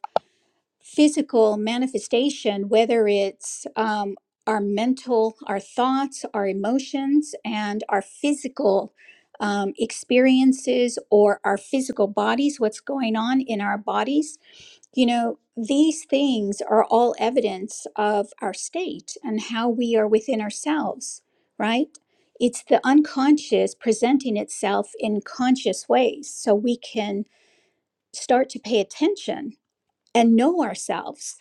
S2: physical manifestation, whether it's um, our mental, our thoughts, our emotions, and our physical um, experiences or our physical bodies, what's going on in our bodies, you know, these things are all evidence of our state and how we are within ourselves, right? It's the unconscious presenting itself in conscious ways so we can start to pay attention and know ourselves,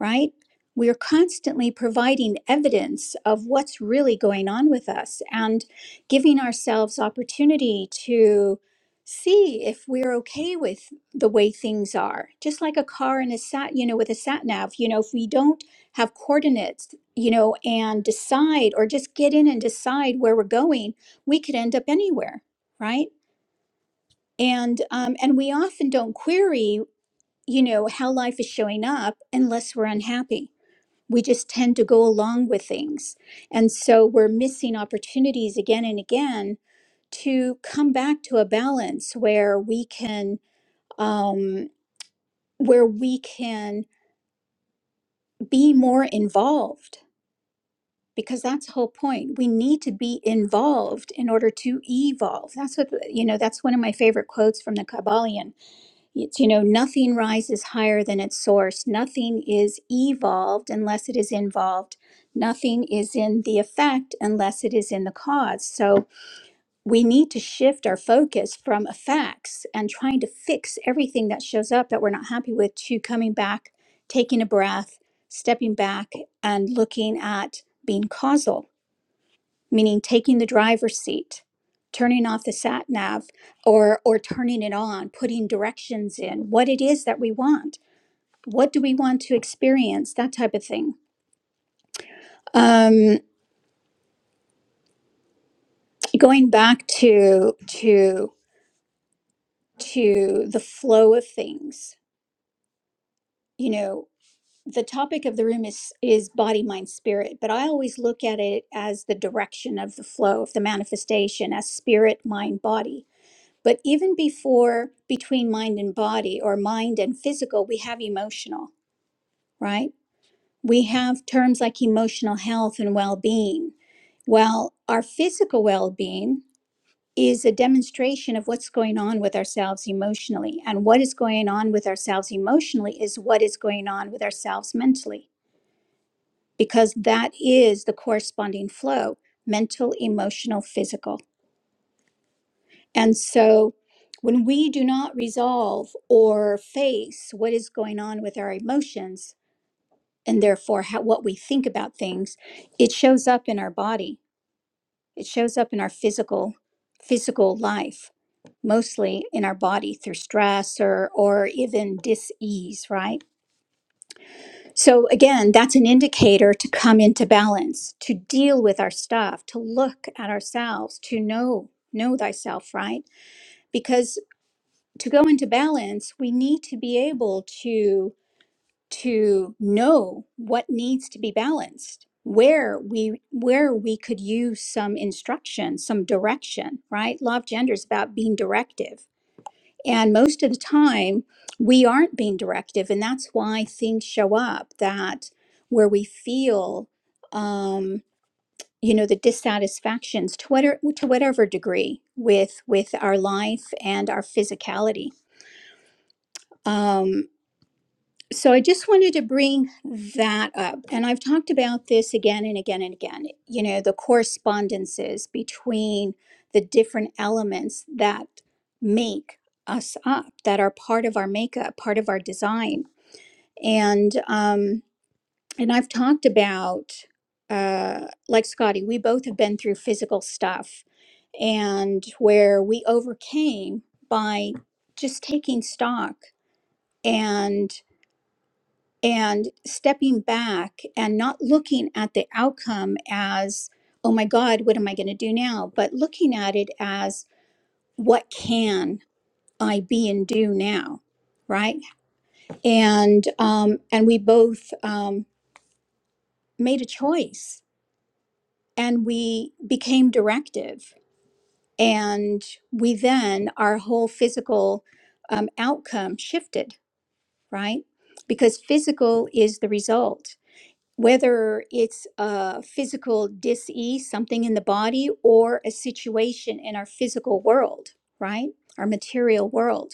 S2: right? We are constantly providing evidence of what's really going on with us and giving ourselves opportunity to see if we're okay with the way things are. Just like a car and a sat, you know, with a sat nav, you know, if we don't have coordinates, you know, and decide or just get in and decide where we're going, we could end up anywhere, right? And um, and we often don't query you know, how life is showing up unless we're unhappy. We just tend to go along with things. And so we're missing opportunities again and again to come back to a balance where we can um where we can be more involved because that's the whole point. We need to be involved in order to evolve. That's what you know, that's one of my favorite quotes from the Kabbalion It's, you know, nothing rises higher than its source. Nothing is evolved unless it is involved. Nothing is in the effect unless it is in the cause. So we need to shift our focus from effects and trying to fix everything that shows up that we're not happy with to coming back, taking a breath, stepping back, and looking at being causal meaning taking the driver's seat, turning off the sat nav or or turning it on, putting directions in, what it is that we want, what do we want to experience, that type of thing. Um, going back to to to the flow of things, you know, the topic of the room is is body, mind, spirit, but I always look at it as the direction of the flow of the manifestation as spirit, mind, body But even before between mind and body or mind and physical, we have emotional, right? We have terms like emotional health and well being. Well, our physical well being is a demonstration of what's going on with ourselves emotionally. And what is going on with ourselves emotionally is what is going on with ourselves mentally, because that is the corresponding flow mental, emotional, physical. And so when we do not resolve or face what is going on with our emotions and therefore how, what we think about things, it shows up in our body. It shows up in our physical physical life, mostly in our body through stress or or even dis-ease, right? So again, that's an indicator to come into balance, to deal with our stuff, to look at ourselves, to know know thyself, right? Because to go into balance we need to be able to to know what needs to be balanced where we where we could use some instruction some direction right law of gender is about being directive and most of the time we aren't being directive and that's why things show up that where we feel um you know the dissatisfactions to whatever to whatever degree with with our life and our physicality um so I just wanted to bring that up. And I've talked about this again and again and again, you know, the correspondences between the different elements that make us up, that are part of our makeup, part of our design. And um and I've talked about uh like Scotty, we both have been through physical stuff and where we overcame by just taking stock and and stepping back and not looking at the outcome as, oh my God, what am I going to do now? But looking at it as, what can I be and do now? Right. And, um, and we both um, made a choice and we became directive. And we then, our whole physical um, outcome shifted, right? Because physical is the result whether it's a physical disease, something in the body, or a situation in our physical world, right? Our material world.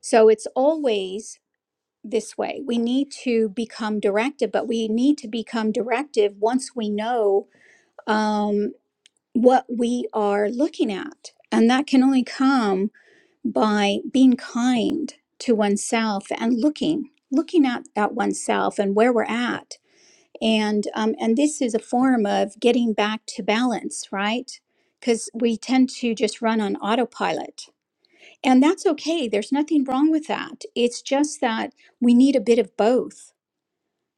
S2: So it's always this way. We need to become directive, but we need to become directive once we know um, what we are looking at. And that can only come by being kind to oneself and looking, looking at, at oneself and where we're at and um, and this is a form of getting back to balance right because we tend to just run on autopilot and that's okay there's nothing wrong with that it's just that we need a bit of both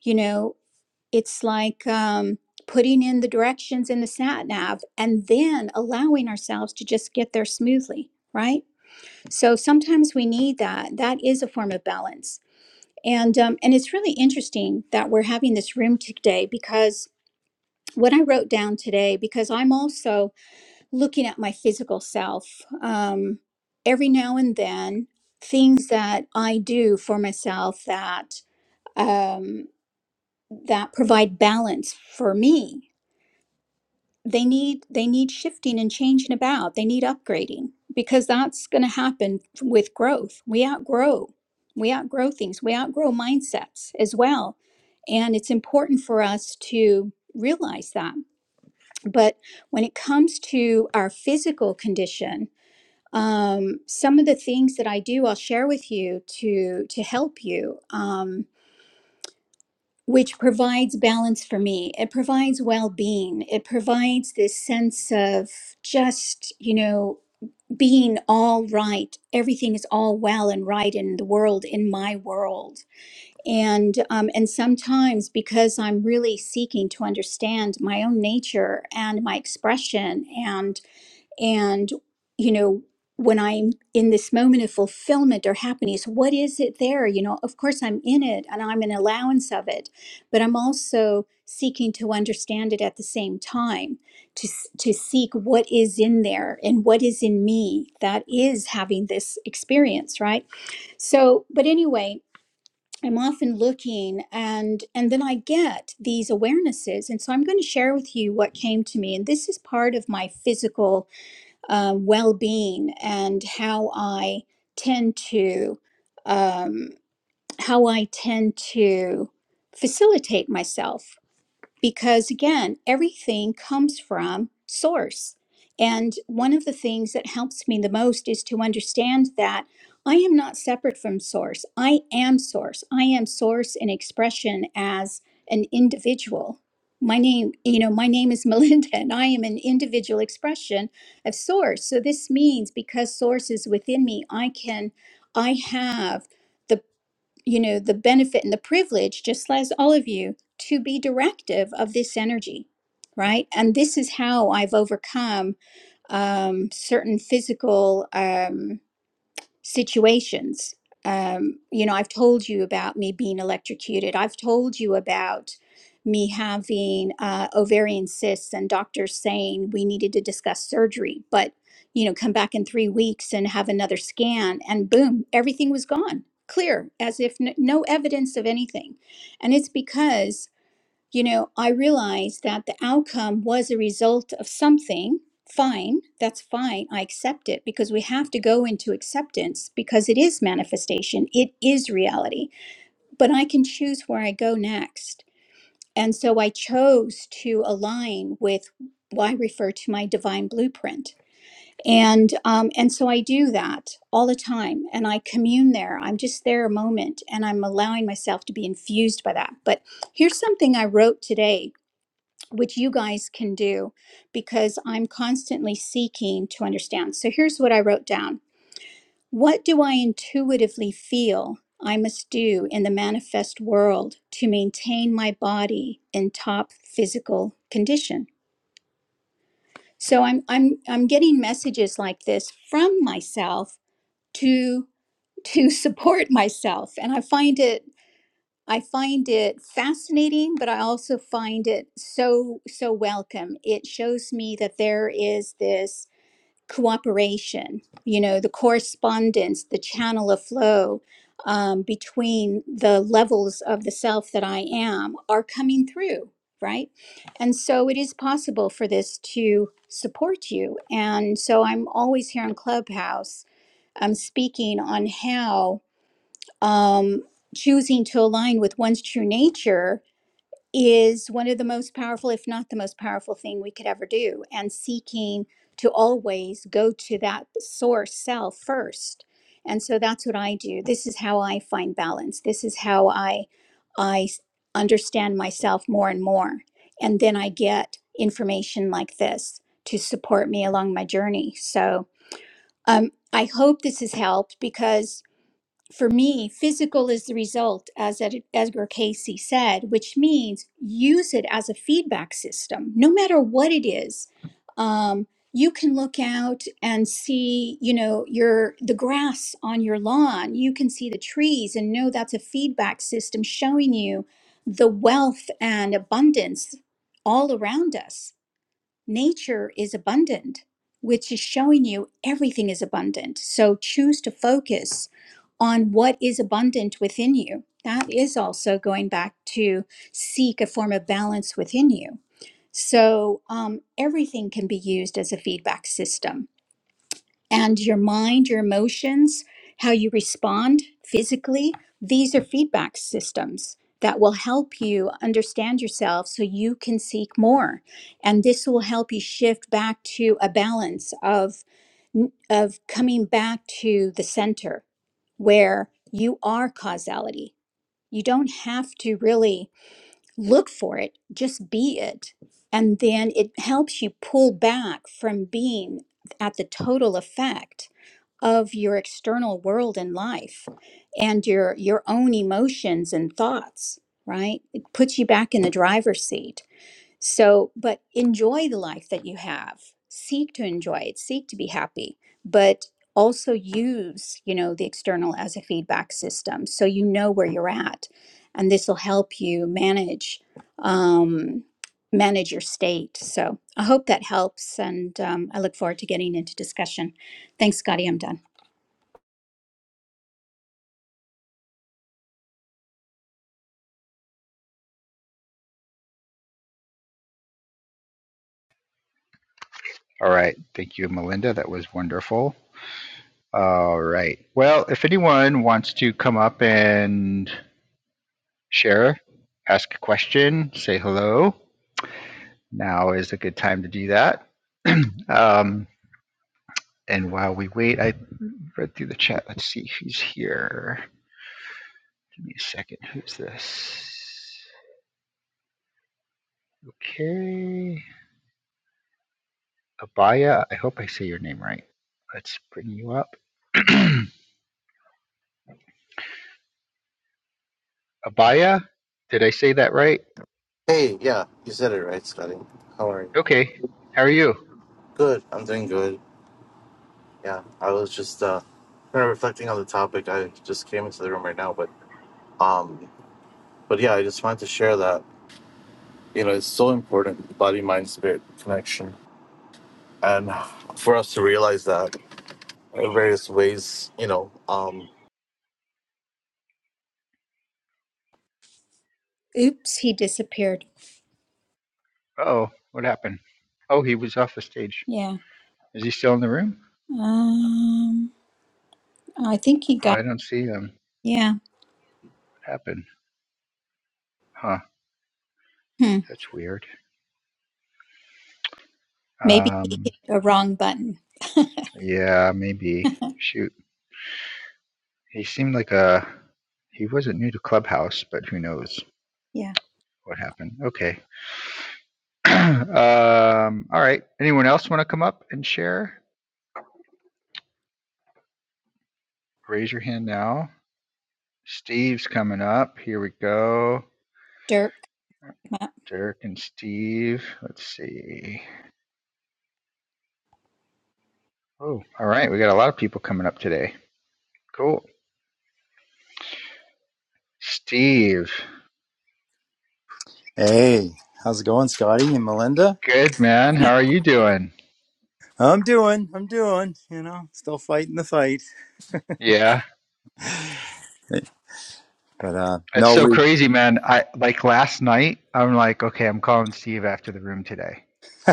S2: you know it's like um, putting in the directions in the sat nav and then allowing ourselves to just get there smoothly right so sometimes we need that that is a form of balance and um, and it's really interesting that we're having this room today because what I wrote down today because I'm also looking at my physical self. Um, every now and then, things that I do for myself that um, that provide balance for me they need they need shifting and changing about. They need upgrading because that's going to happen with growth. We outgrow we outgrow things. We outgrow mindsets as well, and it's important for us to realize that but when it comes to our physical condition, um, some of the things that I do, I'll share with you to to help you, um, which provides balance for me. It provides well being. It provides this sense of just you know being all right. Everything is all well and right in the world, in my world. And um, and sometimes because I'm really seeking to understand my own nature and my expression and and you know when i'm in this moment of fulfillment or happiness what is it there you know of course i'm in it and i'm an allowance of it but i'm also seeking to understand it at the same time to s- to seek what is in there and what is in me that is having this experience right so but anyway i'm often looking and and then i get these awarenesses and so i'm going to share with you what came to me and this is part of my physical um, well being and how I tend to um, how I tend to facilitate myself because again everything comes from source and one of the things that helps me the most is to understand that i am not separate from source i am source i am source in expression as an individual my name you know my name is melinda and i am an individual expression of source so this means because source is within me i can i have the you know, the benefit and the privilege, just as all of you, to be directive of this energy, right? And this is how I've overcome um, certain physical. Um, situations. Um, you know, I've told you about me being electrocuted. I've told you about me having uh, ovarian cysts and doctors saying we needed to discuss surgery, but, you know, come back in three weeks and have another scan. And boom, everything was gone, clear, as if n- no evidence of anything. And it's because you know, I realized that the outcome was a result of something. Fine, that's fine. I accept it because we have to go into acceptance because it is manifestation, it is reality. But I can choose where I go next. And so I chose to align with what I refer to my divine blueprint. And um, and so I do that all the time, and I commune there. I'm just there a moment, and I'm allowing myself to be infused by that. But here's something I wrote today which you guys can do because I'm constantly seeking to understand. So here's what I wrote down What do I intuitively feel I must do in the manifest world to maintain my body in top physical condition? So I'm I'm I'm getting messages like this from myself to to support myself and I find it I find it fascinating, but I also find it so, so welcome. It shows me that there is this cooperation, you know, the correspondence, the channel of flow um, between the levels of the self that I am are coming through, right? And so it is possible for this to support you. And so I'm always here in Clubhouse. I'm speaking on how um, choosing to align with one's true nature is one of the most powerful, if not the most powerful thing we could ever do. And seeking to always go to that source self first. And so that's what I do. This is how I find balance. This is how I I s- understand myself more and more. And then I get information like this to support me along my journey. So um, I hope this has helped because for me, physical is the result, as Ed- Edgar Casey said, which means use it as a feedback system. No matter what it is, um, you can look out and see, you know, your the grass on your lawn. You can see the trees and know that's a feedback system showing you the wealth and abundance all around us. Nature is abundant, which is showing you everything is abundant. So choose to focus on what is abundant within you. That is also going back to seek a form of balance within you. So um, everything can be used as a feedback system. And your mind, your emotions, how you respond physically, these are feedback systems that will help you understand yourself so you can seek more. And this will help you shift back to a balance of, of coming back to the center where you are causality. You don't have to really look for it, just be it. And then it helps you pull back from being at the total effect of your external world and life and your your own emotions and thoughts, right? It puts you back in the driver's seat so, but enjoy the life that you have. Seek to enjoy it, seek to be happy, but also use, you know, the external as a feedback system so you know where you're at. And this will help you manage um manage your state. So, I hope that helps and um, I look forward to getting into discussion. Thanks, Scotty, I'm done.
S1: All right. Thank you, Melinda. That was wonderful. All right. Well, if anyone wants to come up and share, ask a question, say hello, now is a good time to do that. um, and while we wait, I read through the chat. Let's see who's here. Give me a second. Who's this? Okay. Abaya, I hope I say your name right. Let's bring you up. Abaya, did I say that right?
S3: Hey, yeah, you said it right, Scotty. How are you?
S1: Okay, how are you?
S3: Good. I'm doing good. Yeah, I was just uh kind of reflecting on the topic. I just came into the room right now, but um, but yeah, I just wanted to share that you know it's so important body mind spirit connection, and for us to realize that in various ways, you know, um.
S2: Oops, he disappeared.
S1: Oh, what happened? Oh, he was off the stage.
S2: Yeah.
S1: Is he still in the room?
S2: Um I think he
S1: Oh,
S2: got
S1: I don't see him.
S2: yeah.
S1: What happened? Huh,
S2: Hmm.
S1: that's weird.
S2: Maybe he
S1: Um,
S2: hit a wrong button.
S1: yeah, maybe. Shoot, he seemed like a. He wasn't new to Clubhouse, but who knows
S2: Yeah,
S1: what happened? Okay. um, all right. Anyone else want to come up and share? Raise your hand now. Steve's coming up. Here we go.
S2: Dirk. come up.
S1: Dirk and Steve. Let's see. Oh, all right. We got a lot of people coming up today. Cool. Steve.
S4: Hey, how's it going, Scotty and Melinda?
S1: Good, man. How are you doing?
S4: I'm doing, I'm doing, you know, still fighting the fight.
S1: Yeah.
S4: But uh
S1: It's
S4: no,
S1: so
S4: we
S1: crazy, man. I like last night, I'm like, okay, I'm calling Steve after the room today.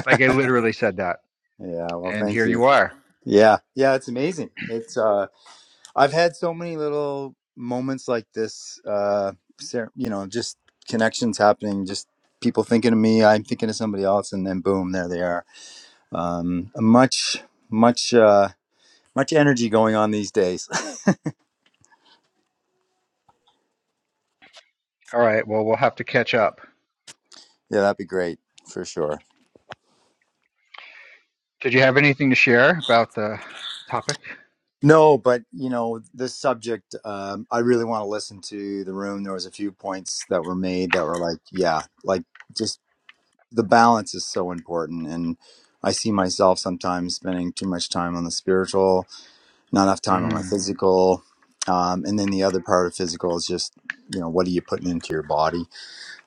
S1: Like I literally said that.
S4: yeah, well,
S1: And
S4: thank
S1: here
S4: you.
S1: you are.
S4: Yeah. Yeah, it's amazing. It's uh I've had so many little moments like this uh ser- you know, just connections happening, just people thinking of me, I'm thinking of somebody else and then boom, there they are. Um much much uh much energy going on these days.
S1: All right. Well, we'll have to catch up.
S4: yeah, that'd be great for sure.
S1: Did you have anything to share about the topic?
S4: No, but you know this subject. Um, I really want to listen to the room. There was a few points that were made that were like, yeah, like just the balance is so important. And I see myself sometimes spending too much time on the spiritual, not enough time on
S1: Mm.
S4: my physical, um, and then the other part of physical is just you know what are you putting into your body.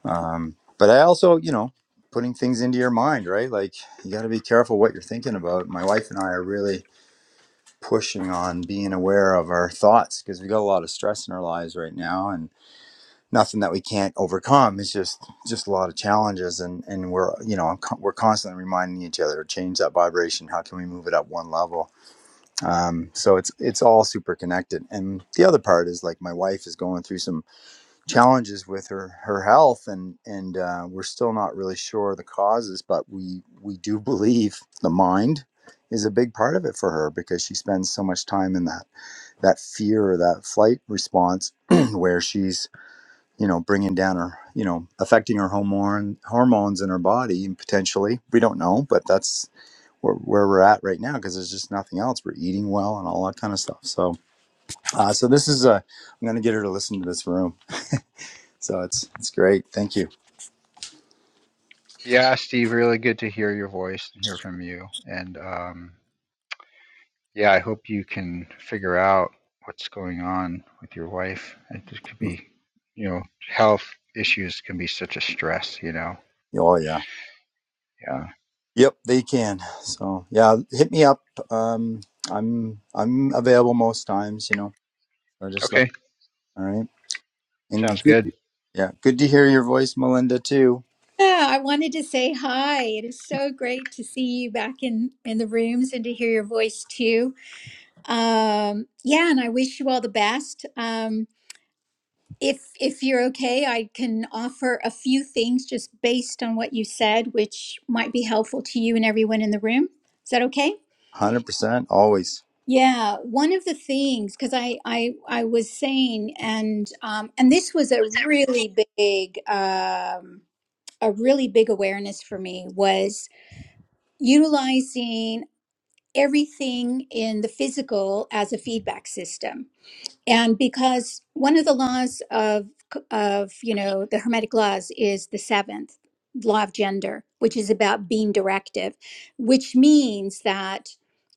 S4: Um, but I also, you know, putting things into your mind, right? Like you got to be careful what you're thinking about. My wife and I are really pushing on being aware of our thoughts because we got a lot of stress in our lives right now and nothing that we can't overcome it's just just a lot of challenges and and we're you know we're constantly reminding each other change that vibration how can we move it up one level um, so it's it's all super connected and the other part is like my wife is going through some challenges with her her health and and uh, we're still not really sure the causes but we we do believe the mind is a big part of it for her because she spends so much time in that that fear or that flight response where she's you know bringing down her you know affecting her hormone hormones in her body and potentially we don't know but that's where, where we're at right now because there's just nothing else we're eating well and all that kind of stuff so uh, so this is ai am gonna get her to listen to this room so it's it's great thank you
S1: Yeah, Steve, really good to hear your voice and hear from you. And um, yeah, I hope you can figure out what's going on with your wife. It just could be, you know, health issues can be such a stress, you know.
S4: oh yeah
S1: Yeah.
S4: yep they can so yeah hit me up um i'm i'm available most times you know so just let
S1: Okay.
S4: all right And
S1: Sounds
S4: good,
S1: good.
S4: yeah, good to hear your voice, Melinda, too.
S2: Yeah, I wanted to say hi. It is so great to see you back in in the rooms and to hear your voice too. Um, yeah, and I wish you all the best. Um, if if you're okay, I can offer a few things just based on what you said, which might be helpful to you and everyone in the room. Is that okay?
S4: 100%, always.
S2: Yeah, one of the things because I, I I was saying and um, and this was a really big um, a really big awareness for me was utilizing everything in the physical as a feedback system and because one of the laws of of you know the hermetic laws is the seventh law of gender which is about being directive which means that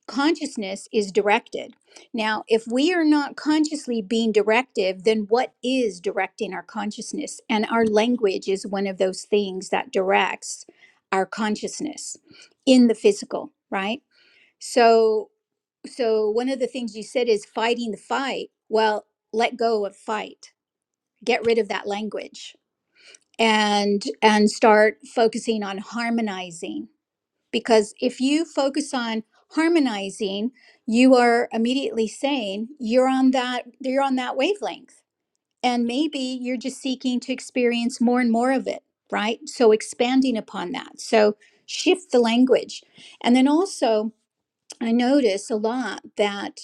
S2: consciousness is directed now if we are not consciously being directive then what is directing our consciousness and our language is one of those things that directs our consciousness in the physical right so so one of the things you said is fighting the fight well let go of fight get rid of that language and and start focusing on harmonizing because if you focus on harmonizing you are immediately saying you're on that you're on that wavelength and maybe you're just seeking to experience more and more of it right so expanding upon that so shift the language and then also i notice a lot that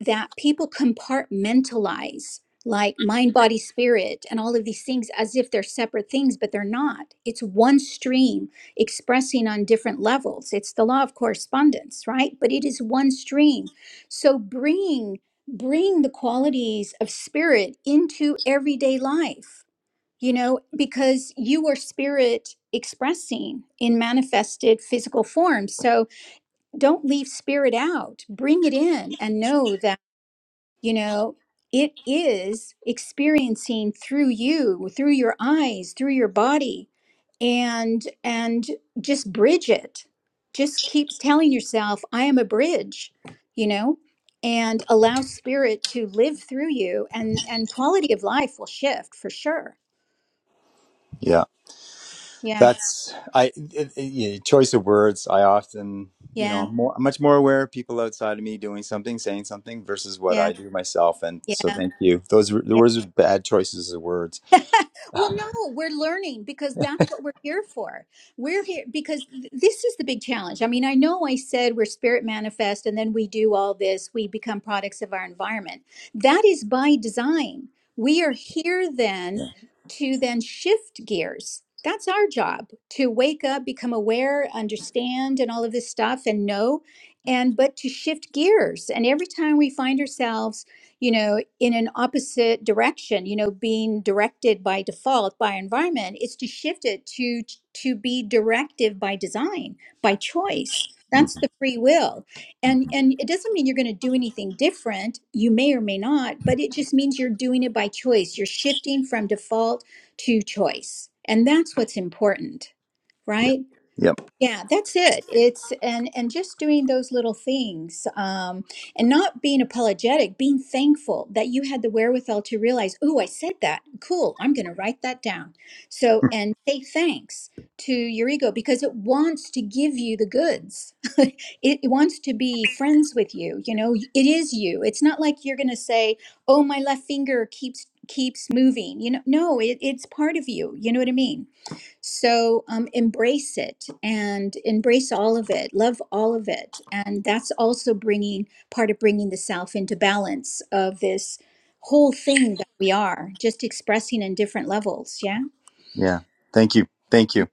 S2: that people compartmentalize like mind, body, spirit, and all of these things as if they're separate things, but they're not. It's one stream expressing on different levels. It's the law of correspondence, right? But it is one stream. So bring bring the qualities of spirit into everyday life you know because you are spirit expressing in manifested physical form so don't leave spirit out bring it in and know that you know it is experiencing through you through your eyes through your body and and just bridge it just keep telling yourself i am a bridge you know and allow spirit to live through you and and quality of life will shift for sure
S4: Yeah.
S2: yeah
S4: That's, I, it, it- yeah, choice of words. I often, you know,
S2: yeah
S4: I'm, more, I'm much more aware of people outside of me doing something, saying something versus what I
S2: yeah
S4: do myself. And so
S2: yeah
S4: thank you. Those were, those were bad choices of words.
S2: Well, no, we're learning because that's what we're here for. We're here because th- this is the big challenge. I mean, I know I said we're spirit manifest and then we do all this, we become products of our environment. That is by design. We are here then
S4: Yeah.
S2: to then shift gears. That's our job to wake up, become aware, understand, and all of this stuff and know. And but to shift gears. And every time we find ourselves you know, in an opposite direction, you know, being directed by default by environment is to shift it to to be directive by design, by choice.
S4: hmm
S2: That's the free will.
S4: hmm
S2: And and it doesn't mean you're going to do anything different. You may or may not, but it just means you're doing it by choice. You're shifting from default to choice. And that's what's important,
S4: Yeah.
S2: right?
S4: Yep.
S2: Yeah, that's it. It's and and just doing those little things, um, and not being apologetic, being thankful that you had the wherewithal to realize, oh, I said that. Cool, I'm going to write that down. So and say thanks to your ego because it wants to give you the goods. it, it wants to be friends with you. You know, it is you. It's not like you're going to say, oh, my left finger keeps keeps moving. You know, no, it, it's part of you. You know what I mean? So um, embrace it and embrace all of it, love all of it. And that's also bringing part of bringing the self into balance of this whole thing that we are, just expressing in different levels. Yeah.
S4: Yeah. Thank you. Thank
S2: Mm,
S4: you.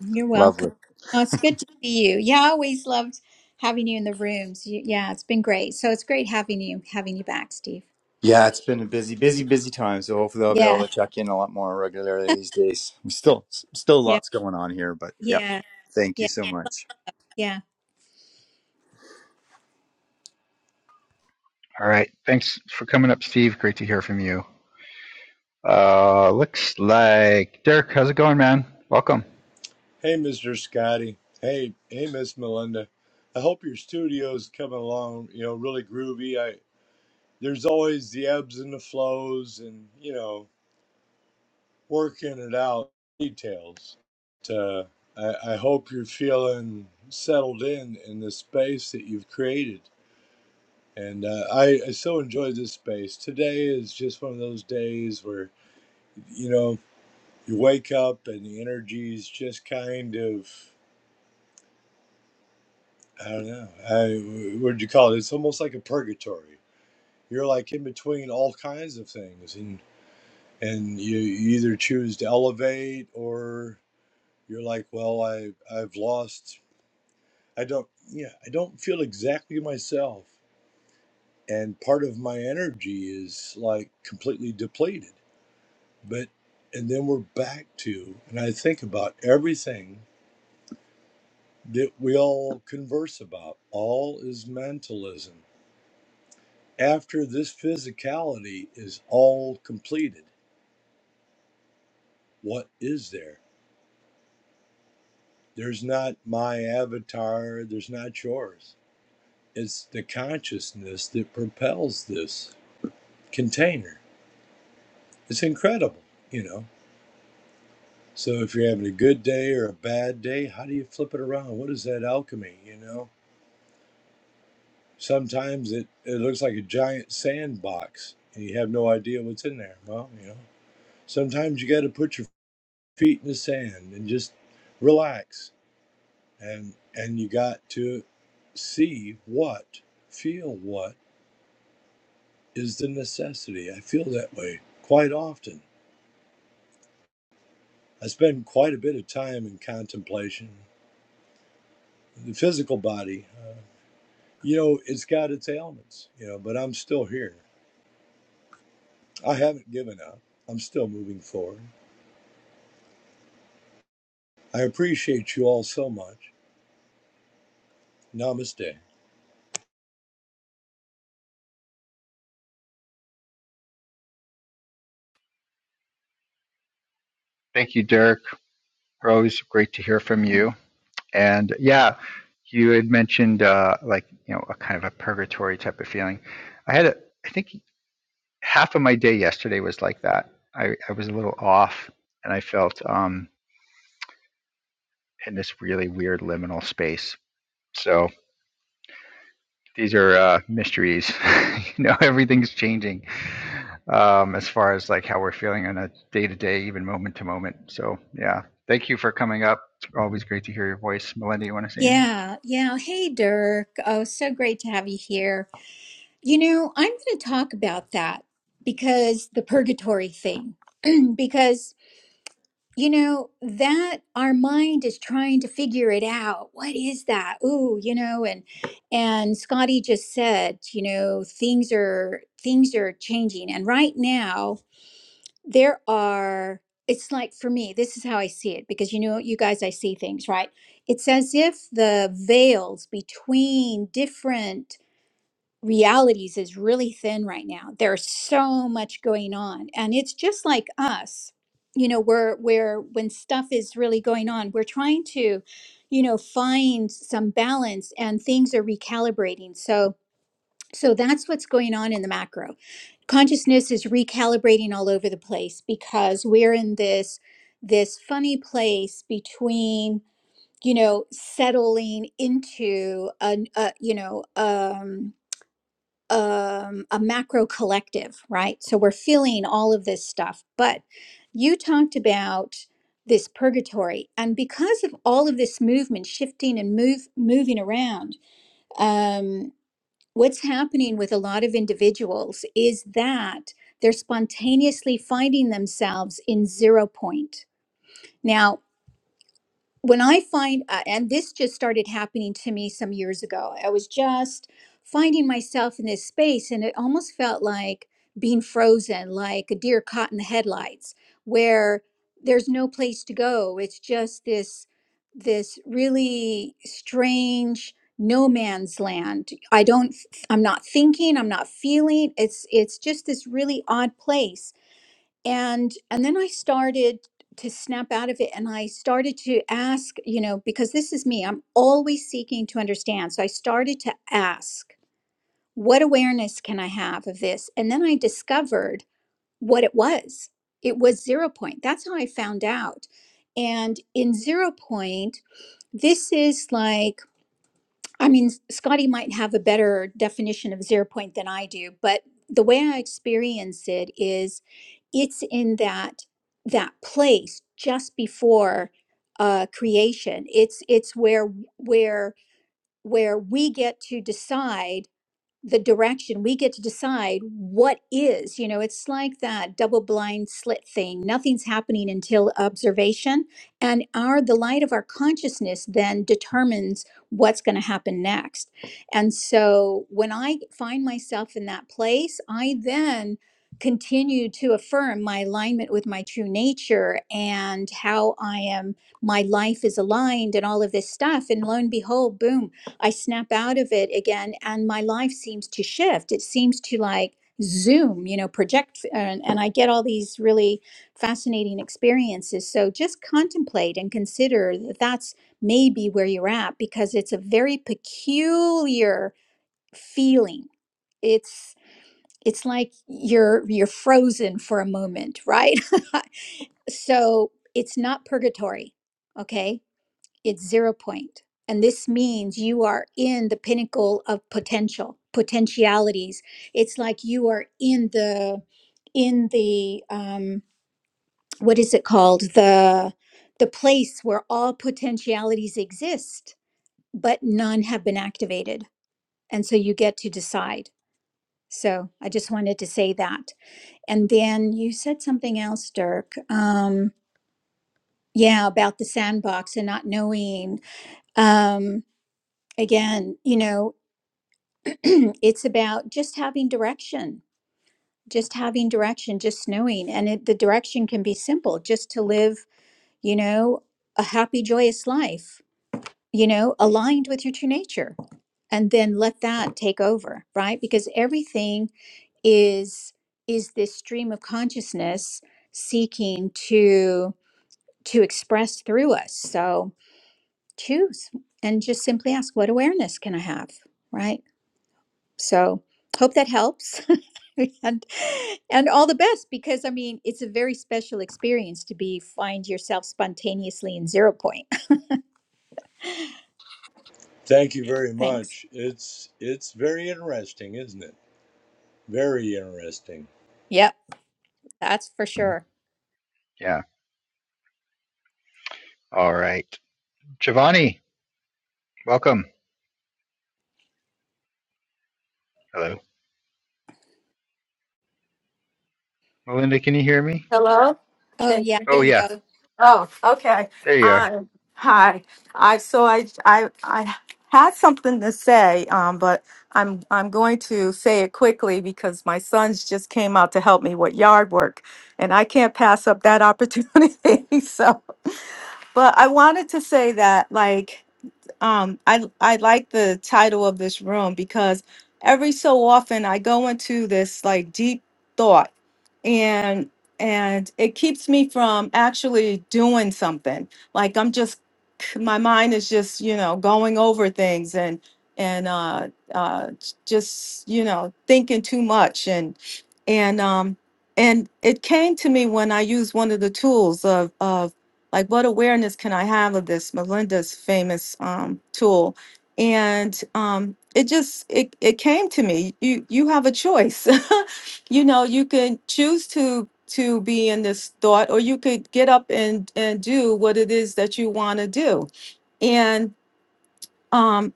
S2: You're welcome.
S4: Lovely.
S2: Oh, it's good to see you. Yeah, I always loved having you in the rooms. You, yeah, it's been great. So it's great having you, having you back, Steve.
S4: Yeah, it's been a busy, busy, busy time. So hopefully I'll be able
S2: Yeah.
S4: to check in a lot more regularly these days. I'm still, still
S2: Yeah.
S4: lots going on here, but yeah.
S2: Yeah.
S4: Thank you
S2: Yeah.
S4: so much.
S2: Yeah.
S1: All right. Thanks for coming up, Steve. Great to hear from you. Uh, looks like Derek, how's it going, man? Welcome.
S5: Hey, Mr. Scotty. Hey, hey, Miss Melinda. I hope your studio's coming along, you know, really groovy. I there's always the ebbs and the flows, and you know, working it out details. But, uh, I, I hope you're feeling settled in in the space that you've created. And uh, I, I so enjoy this space. Today is just one of those days where, you know, you wake up and the energy's just kind of I don't know. I what do you call it? It's almost like a purgatory. You're like in between all kinds of things, and and you, you either choose to elevate or you're like, well, I I've lost. I don't. Yeah, I don't feel exactly myself, and part of my energy is like completely depleted. But and then we're back to, and I think about everything that we all converse about. All is mentalism after this physicality is all completed, what is there? There's not my avatar, there's not yours. It's the consciousness that propels this container. It's incredible, you know. So if you're having a good day or a bad day, how do you flip it around? What is that alchemy, you know? Sometimes it, it looks like a giant sandbox and you have no idea what's in there. Well, you know, sometimes you got to put your feet in the sand and just relax and and you got to see what feel what is the necessity i feel that way quite often i spend quite a bit of time in contemplation the physical body uh, you know it's got its ailments you know but i'm still here i haven't given up i'm still moving forward i appreciate you all so much namaste
S1: Thank you, Derek. Always great to hear from you. And yeah, you had mentioned uh, like you know a kind of a purgatory type of feeling. I had a, I think half of my day yesterday was like that. I, I was a little off, and I felt um, in this really weird liminal space. So these are uh, mysteries. you know, everything's changing um, as far as like how we're feeling on a day to day, even moment to moment. So yeah, thank you for coming up. It's always great to hear your voice, Melinda. You want to say anything?
S2: Yeah. Yeah. Hey, Dirk. Oh, so great to have you here. You know, I'm going to talk about that because the purgatory thing, because, you know, that our mind is trying to figure it out. What is that? Ooh, you know, and, and Scotty just said, you know, things are, things are changing. And right now there are, it's like for me, this is how I see it because, you know, you guys, I see things, right? It's as if the veils between different realities is really thin right now. There's so much going on, and it's just like us. You know, we're we're when stuff is really going on, we're trying to, you know, find some balance, and things are recalibrating. So so that's what's going on in the macro. Consciousness is recalibrating all over the place because we're in this this funny place between you know settling into a, a you know um um, a macro collective, right? So we're feeling all of this stuff. But you talked about this purgatory, and because of all of this movement, shifting and move moving around, um, what's happening with a lot of individuals is that they're spontaneously finding themselves in zero point. Now, when I find, uh, and this just started happening to me some years ago, I was just finding myself in this space and it almost felt like being frozen, like a deer caught in the headlights, where there's no place to go. It's just this, this really strange no man's land. I don't, I'm not thinking, I'm not feeling. It's, it's just this really odd place and and then i started to snap out of it and i started to ask you know because this is me i'm always seeking to understand so i started to ask what awareness can i have of this and then i discovered what it was it was zero point that's how i found out and in zero point this is like i mean scotty might have a better definition of zero point than i do but the way i experience it is it's in that that place just before uh, creation. It's it's where where where we get to decide the direction we get to decide what is you know it's like that double blind slit thing nothing's happening until observation and our the light of our consciousness then determines what's going to happen next and so when i find myself in that place i then continue to affirm my alignment with my true nature and how i am my life is aligned and all of this stuff and lo and behold boom I snap out of it again, and my life seems to shift. It seems to like zoom, you know, project, and, and I get all these really fascinating experiences. So just contemplate and consider that that's maybe where you're at because it's a very peculiar feeling. It's it's like you're you're frozen for a moment, right? so it's not purgatory, okay? it's zero point. And this means you are in the pinnacle of potential, potentialities. It's like you are in the in the um, what is it called? The the place where all potentialities exist, but none have been activated. And so you get to decide. So I just wanted to say that. And then you said something else, Dirk. Um, yeah, about the sandbox and not knowing. Um, again, you know, it's about just having direction, just having direction, just knowing. And it, the direction can be simple just to live, you know, a happy, joyous life, you know, aligned with your true nature. And then let that take over, right? Because everything is is this stream of consciousness seeking to to express through us. So choose and just simply ask what awareness can I have, right? So hope that helps. and and all the best because I mean it's a very special experience to be find yourself spontaneously in zero point.
S5: thank you very
S2: Thanks.
S5: much it's it's very interesting isn't it very interesting
S2: Yep, that's for sure.
S1: Yeah. All right, Giovanni. Welcome. Hello. Melinda, can you hear me?
S6: Hello?
S2: Oh
S6: Okay.
S2: yeah, there
S1: Oh,
S2: you
S1: yeah.
S2: go.
S6: Oh, okay.
S1: There you are.
S6: I, hi. I so I I I had something to say, um, but I'm I'm going to say it quickly because my sons just came out to help me with yard work, and I can't pass up that opportunity. so, but I wanted to say that like um I I like the title of this room because every so often I go into this like deep thought and and it keeps me from actually doing something. Like I'm just my mind is just, you know, going over things and and uh uh just, you know, thinking too much and and um and it came to me when I used one of the tools of of like what awareness can i have of this melinda's famous um, tool and um, it just it, it came to me you you have a choice you know you can choose to to be in this thought or you could get up and and do what it is that you want to do and um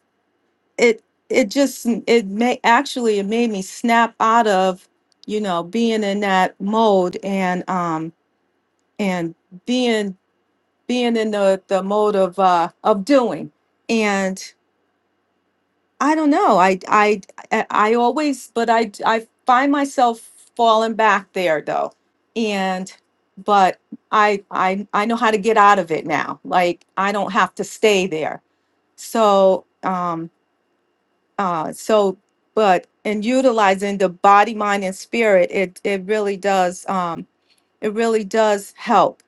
S6: it it just it may actually it made me snap out of you know being in that mode and um and being being in the the mode of uh of doing and i don't know i i i I always but i i find myself falling back there though and but i i i know how to get out of it now like i don't have to stay there so um uh so but in utilizing the body mind and spirit it it really does um it really does help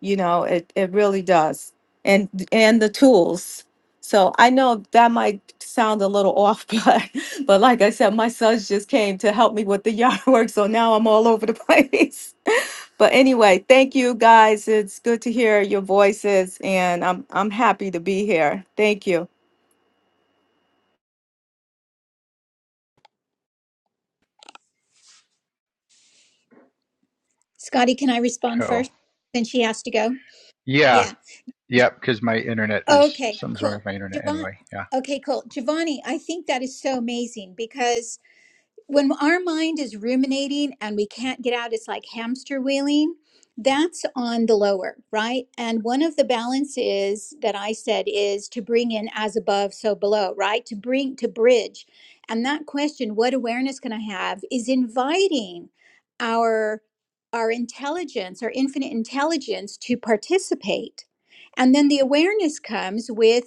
S6: you know it, it really does and and the tools so i know that might sound a little off but but like i said my sons just came to help me with the yard work so now i'm all over the place but anyway thank you guys it's good to hear your voices and i'm i'm happy to be here thank you
S2: Scotty, can I respond
S1: Oh,
S2: first? Since she has to go?
S1: yeah.
S2: Yeah.
S1: Yep, because my internet is
S2: Okay,
S1: something's wrong
S2: cool.
S1: with my internet
S2: Javon
S1: anyway. Yeah,
S2: okay, cool. Giovanni, I think that is so amazing because when our mind is ruminating and we can't get out, it's like hamster wheeling. That's on the lower, right? And one of the balances that I said is to bring in as above, so below, right? To bring, to bridge. And that question, what awareness can I have, is inviting our our intelligence, our infinite intelligence to participate. And then the awareness comes with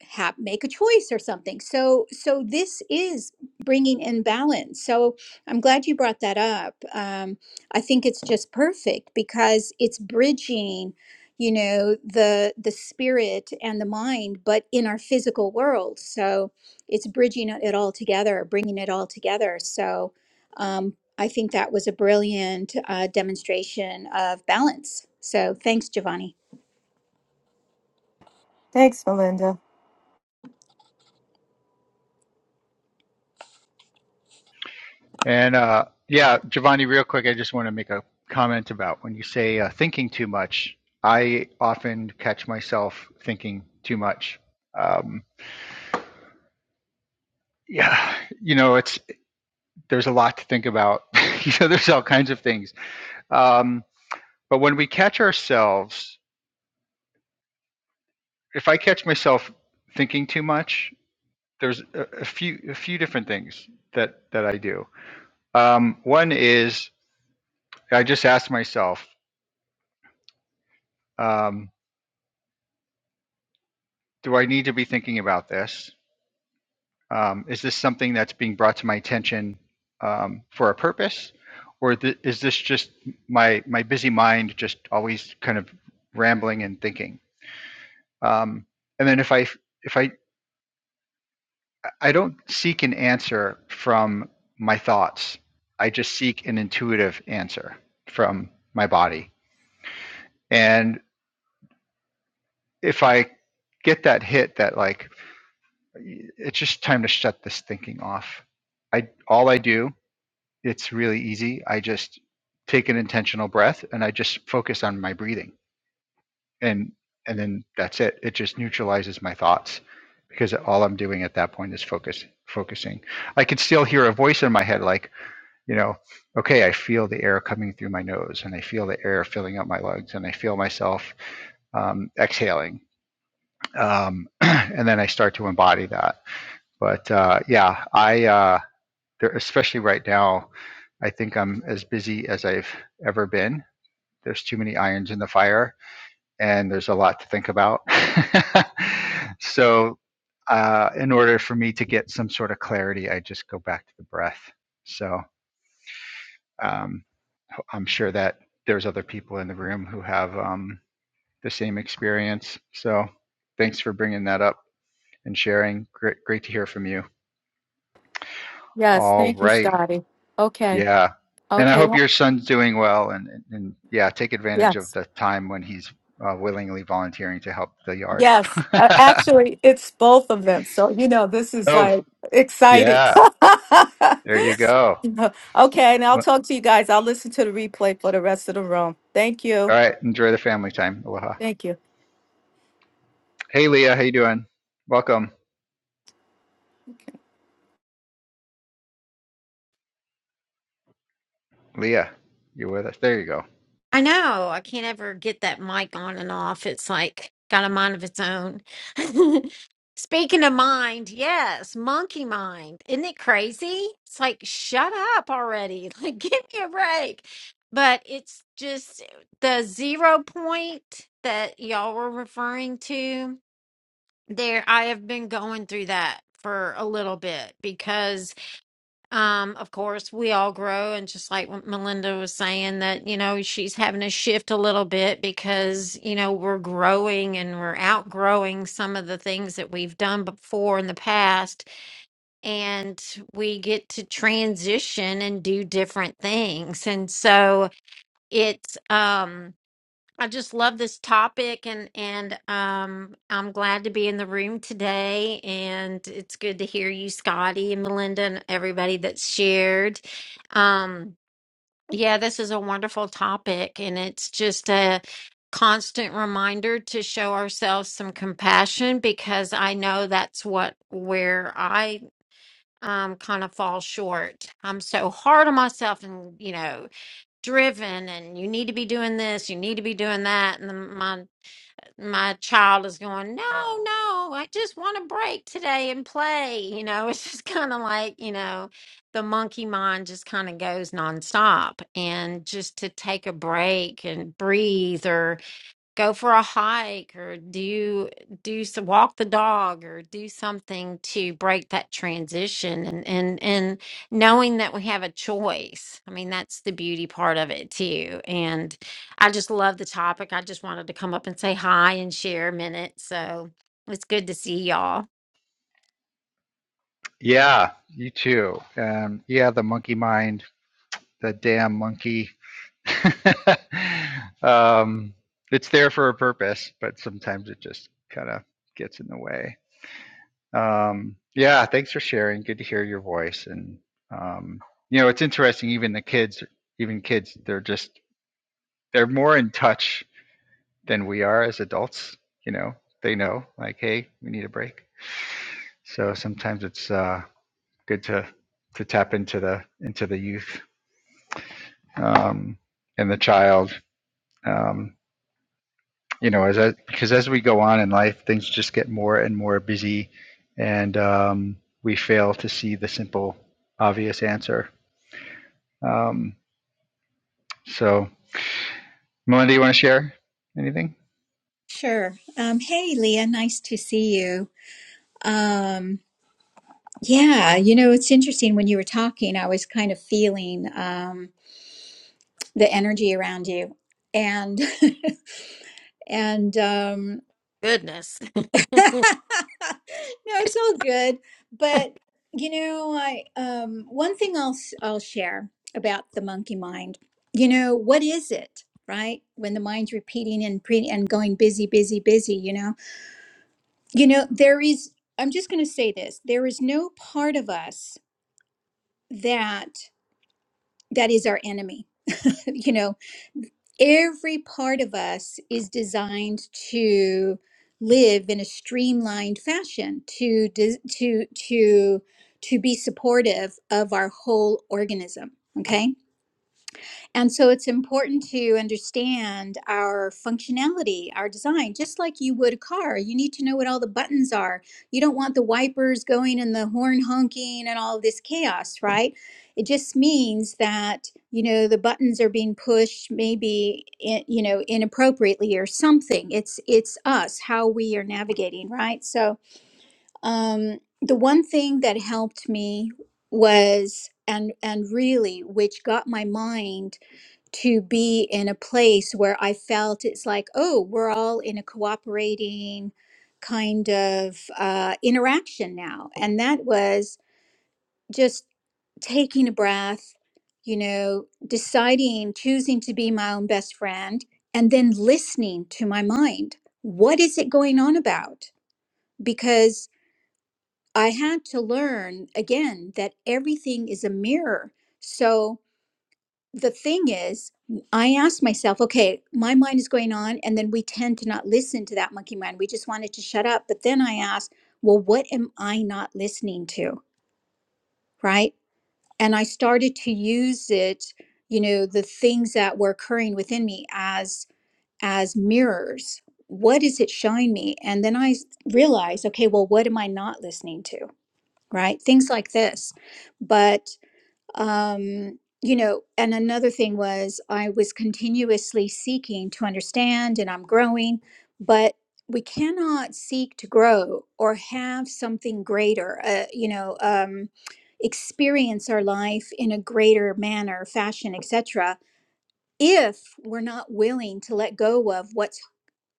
S2: have make a choice or something so so this is bringing in balance so i'm glad you brought that up um, i think it's just perfect because it's bridging you know the the spirit and the mind but in our physical world so it's bridging it all together bringing it all together so um, i think that was a brilliant uh, demonstration of balance so thanks giovanni
S6: thanks melinda
S1: and uh, yeah, Giovanni, real quick, I just want to make a comment about when you say uh, thinking too much. I often catch myself thinking too much. Um, yeah, you know, it's there's a lot to think about. you know, there's all kinds of things. Um, but when we catch ourselves, if I catch myself thinking too much, there's a, a few a few different things that that I do. Um, one is I just ask myself, um, do I need to be thinking about this? Um, is this something that's being brought to my attention um, for a purpose, or th- is this just my my busy mind just always kind of rambling and thinking? Um, and then if I if I I don't seek an answer from my thoughts, I just seek an intuitive answer from my body And if I get that hit that like it's just time to shut this thinking off. I all I do, it's really easy. I just take an intentional breath and I just focus on my breathing. And and then that's it. It just neutralizes my thoughts because all I'm doing at that point is focus focusing. I can still hear a voice in my head like, you know, okay, I feel the air coming through my nose and I feel the air filling up my lungs and I feel myself um, exhaling um, and then I start to embody that. But uh, yeah, I uh, especially right now, I think I'm as busy as I've ever been. There's too many irons in the fire, and there's a lot to think about. so, uh, in order for me to get some sort of clarity, I just go back to the breath. So, um, I'm sure that there's other people in the room who have um, the same experience. So, thanks for bringing that up and sharing. Great, great to hear from you.
S6: yes
S1: All
S6: thank you
S1: righty.
S6: scotty okay
S1: Yeah. And I
S6: okay
S1: hope your son's doing well and, and, and yeah, take advantage
S6: yes
S1: of the time when he's uh, willingly volunteering to help the yard.
S6: Yes, a- actually, it's both of them. So, you know, this is
S1: oh,
S6: like exciting.
S1: yeah. There you go.
S6: Okay, and I'll
S1: Well,
S6: talk to you guys. I'll listen to the replay for the rest of the room. Thank
S1: All
S6: you.
S1: right. Enjoy the family time. Aloha.
S6: Thank you.
S1: Hey, Leah. How you doing? Welcome. Leah, you with us? There you go.
S7: I know. I can't ever get that mic on and off. It's like got a mind of its own. Speaking of mind, yes, monkey mind. Isn't it crazy? It's like, shut up already. Like, give me a break. But it's just the zero point that y'all were referring to there. I have been going through that for a little bit because um, of course, we all grow, and just like what Melinda was saying, that you know she's having to shift a little bit because you know we're growing and we're outgrowing some of the things that we've done before in the past, and we get to transition and do different things, and so it's um. I just love this topic and and um I'm glad to be in the room today and it's good to hear you Scotty and Melinda and everybody that's shared. Um yeah, this is a wonderful topic and it's just a constant reminder to show ourselves some compassion because I know that's what where I um kind of fall short. I'm so hard on myself and you know driven and you need to be doing this you need to be doing that and the, my my child is going, no, no, I just want a break today and play. You know, it's just kind of like, you know, the monkey mind just kind of goes nonstop. And just to take a break and breathe, go for a hike or do do some walk the dog or do something to break that transition and and and knowing that we have a choice i mean that's the beauty part of it too and i just love the topic i just wanted to come up and say hi and share a minute so it's good to see y'all
S1: Yeah, you too. Um, yeah, the monkey mind, the damn monkey um, it's there for a purpose, but sometimes it just kind of gets in the way. Um, yeah, thanks for sharing. Good to hear your voice. And um, you know, it's interesting. Even the kids, even kids, they're just they're more in touch than we are as adults. You know, they know like, hey, we need a break. So sometimes it's uh, good to to tap into the into the youth um, and the child. Um, you know, as I, because as we go on in life, things just get more and more busy, and um, we fail to see the simple, obvious answer. Um, so, Melinda, you want to share anything?
S2: sure um, hey leah nice to see you Um, yeah, you know, it's interesting when you were talking, I was kind of feeling um the energy around you. And and um
S7: goodness
S2: no, it's all good. But you know, I um one thing I'll s- I'll share about the monkey mind. You know, what is it, right? When the mind's repeating and pre and going busy, busy, busy, you know. You know, there is I'm just going to say this. There is no part of us that. that is our enemy. You know, every part of us is designed to live in a streamlined fashion to dis- to to to be supportive of our whole organism, okay? And so it's important to understand our functionality, our design, just like you would a car. You need to know what all the buttons are. You don't want the wipers going and the horn honking and all this chaos, right? It just means that, you know, the buttons are being pushed maybe, i- you know, inappropriately or something. It's it's us how we are navigating, right? So, um the one thing that helped me was and and really which got my mind to be in a place where I felt it's like, oh, we're all in a cooperating kind of uh, interaction now. And that was just taking a breath, you know, deciding, choosing to be my own best friend, and then listening to my mind. What is it going on about? Because I had to learn again that everything is a mirror. So, the thing is, I asked myself, okay, my mind is going on, and then we tend to not listen to that monkey mind. We just want it to shut up. But then I asked, well, what am I not listening to? Right. And I started to use it, you know, the things that were occurring within me as as mirrors. What is it showing me? And then I s- realized, okay, well, what am I not listening to? Right. Things like this. But um, you know, and another thing was I was continuously seeking to understand and I'm growing, but we cannot seek to grow or have something greater, uh, you know, um, experience our life in a greater manner, fashion, etc. If we're not willing to let go of what's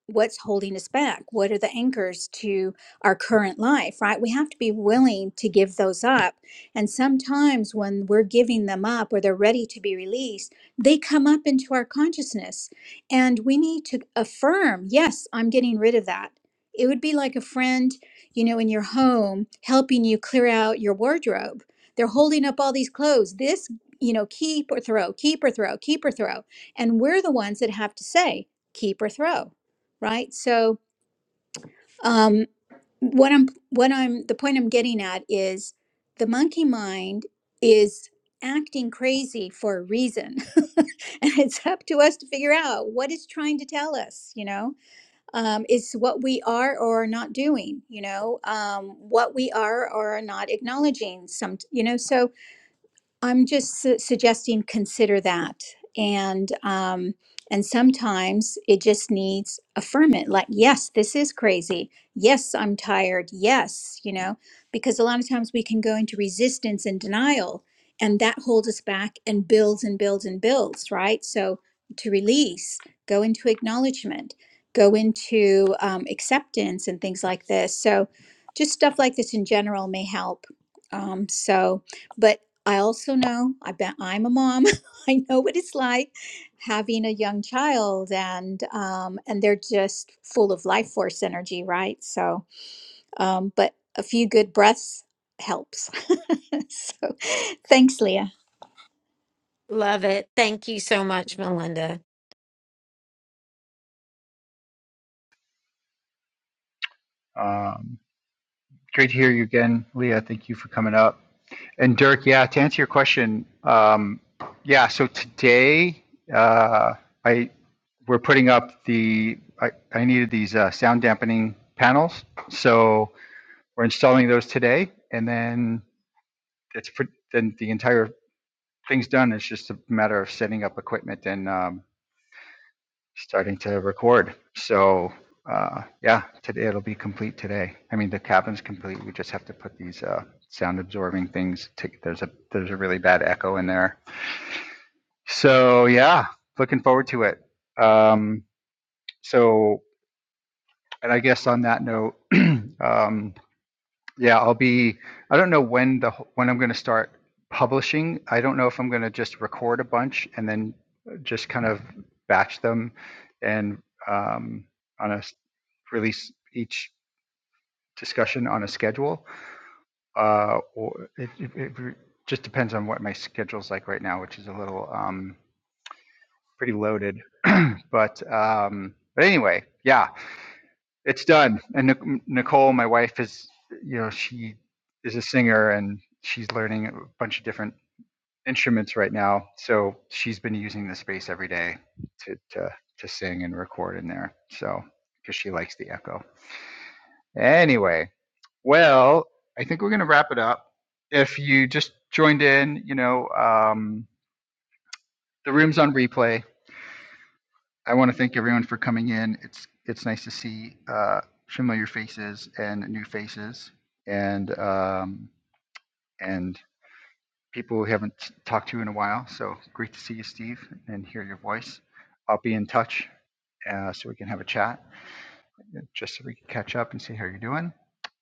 S2: what's holding us back what are the anchors to our current life right we have to be willing to give those up and sometimes when we're giving them up or they're ready to be released they come up into our consciousness and we need to affirm yes i'm getting rid of that it would be like a friend you know in your home helping you clear out your wardrobe they're holding up all these clothes this you know keep or throw keep or throw keep or throw and we're the ones that have to say keep or throw right? So um, what I'm what I'm the point I'm getting at is the monkey mind is acting crazy for a reason and it's up to us to figure out what it's trying to tell us you know um, it's what we are or are not doing you know um, what we are or are not acknowledging some you know so I'm just su- suggesting consider that, and um, and sometimes it just needs affirmant. Like, yes, this is crazy. Yes, I'm tired. Yes, you know, because a lot of times we can go into resistance and denial, and that holds us back and builds and builds and builds. Right. So to release, go into acknowledgement, go into um, acceptance, and things like this. So just stuff like this in general may help. Um, so But I also know I bet I'm a mom. I know what it's like having a young child, and um, and they're just full of life force energy, right? So, um, but a few good breaths helps. so, thanks, Leah.
S7: love it thank you so much melinda
S1: Um, great to hear you again, Leah. Thank you for coming up. And Dirk, yeah, to answer your question, um, yeah. So today, uh, I we're putting up the I, I needed these uh, sound dampening panels, so we're installing those today, and then it's pre- then the entire thing's done. It's just a matter of setting up equipment and um, starting to record. So uh, yeah, today it'll be complete today. I mean, the cabin's complete. We just have to put these uh, sound absorbing things. To, there's a there's a really bad echo in there. So yeah, looking forward to it. Um, so and I guess on that note. um, Yeah, I'll be. I don't know when the wh- when I'm going to start publishing. I don't know if I'm going to just record a bunch and then just kind of batch them and um, on a s- release each discussion on a schedule. Uh, or it, it, it re- just depends on what my schedule's like right now, which is a little um, pretty loaded. but um, but anyway, yeah. it's done. And Nicole, my wife, is you know she is a singer and she's learning a bunch of different instruments right now. So she's been using the space every day to to to sing and record in there. So because she likes the echo. Anyway, well, I think we're gonna wrap it up. If you just joined in, you know, um, the room's on replay I want to thank everyone for coming in. It's it's nice to see uh, familiar faces and new faces, and um, and people we haven't talked to in a while. So great to see you, Steve, and hear your voice. I'll be in touch uh, so we can have a chat, just so we can catch up and see how you're doing.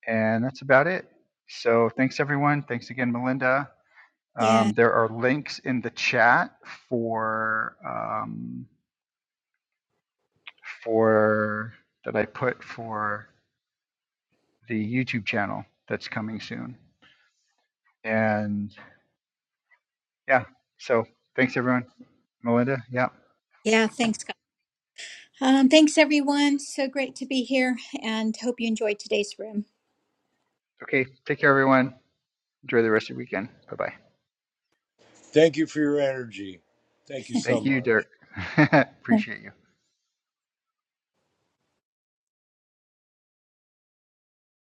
S1: And that's about it. So thanks everyone. Thanks again, Melinda.
S2: Yeah,
S1: Um, there are links in the chat for um, for that I put for the YouTube channel that's coming soon. And yeah, so thanks everyone. Melinda, yeah.
S2: yeah. Thanks, God. Um, thanks, everyone. So great to be here, and hope you enjoyed today's room.
S1: Okay, take care everyone. Enjoy the rest of your weekend. Bye bye.
S5: Thank you for your energy. Thank you so
S1: Thank you,
S5: much.
S1: Dirk. Appreciate you.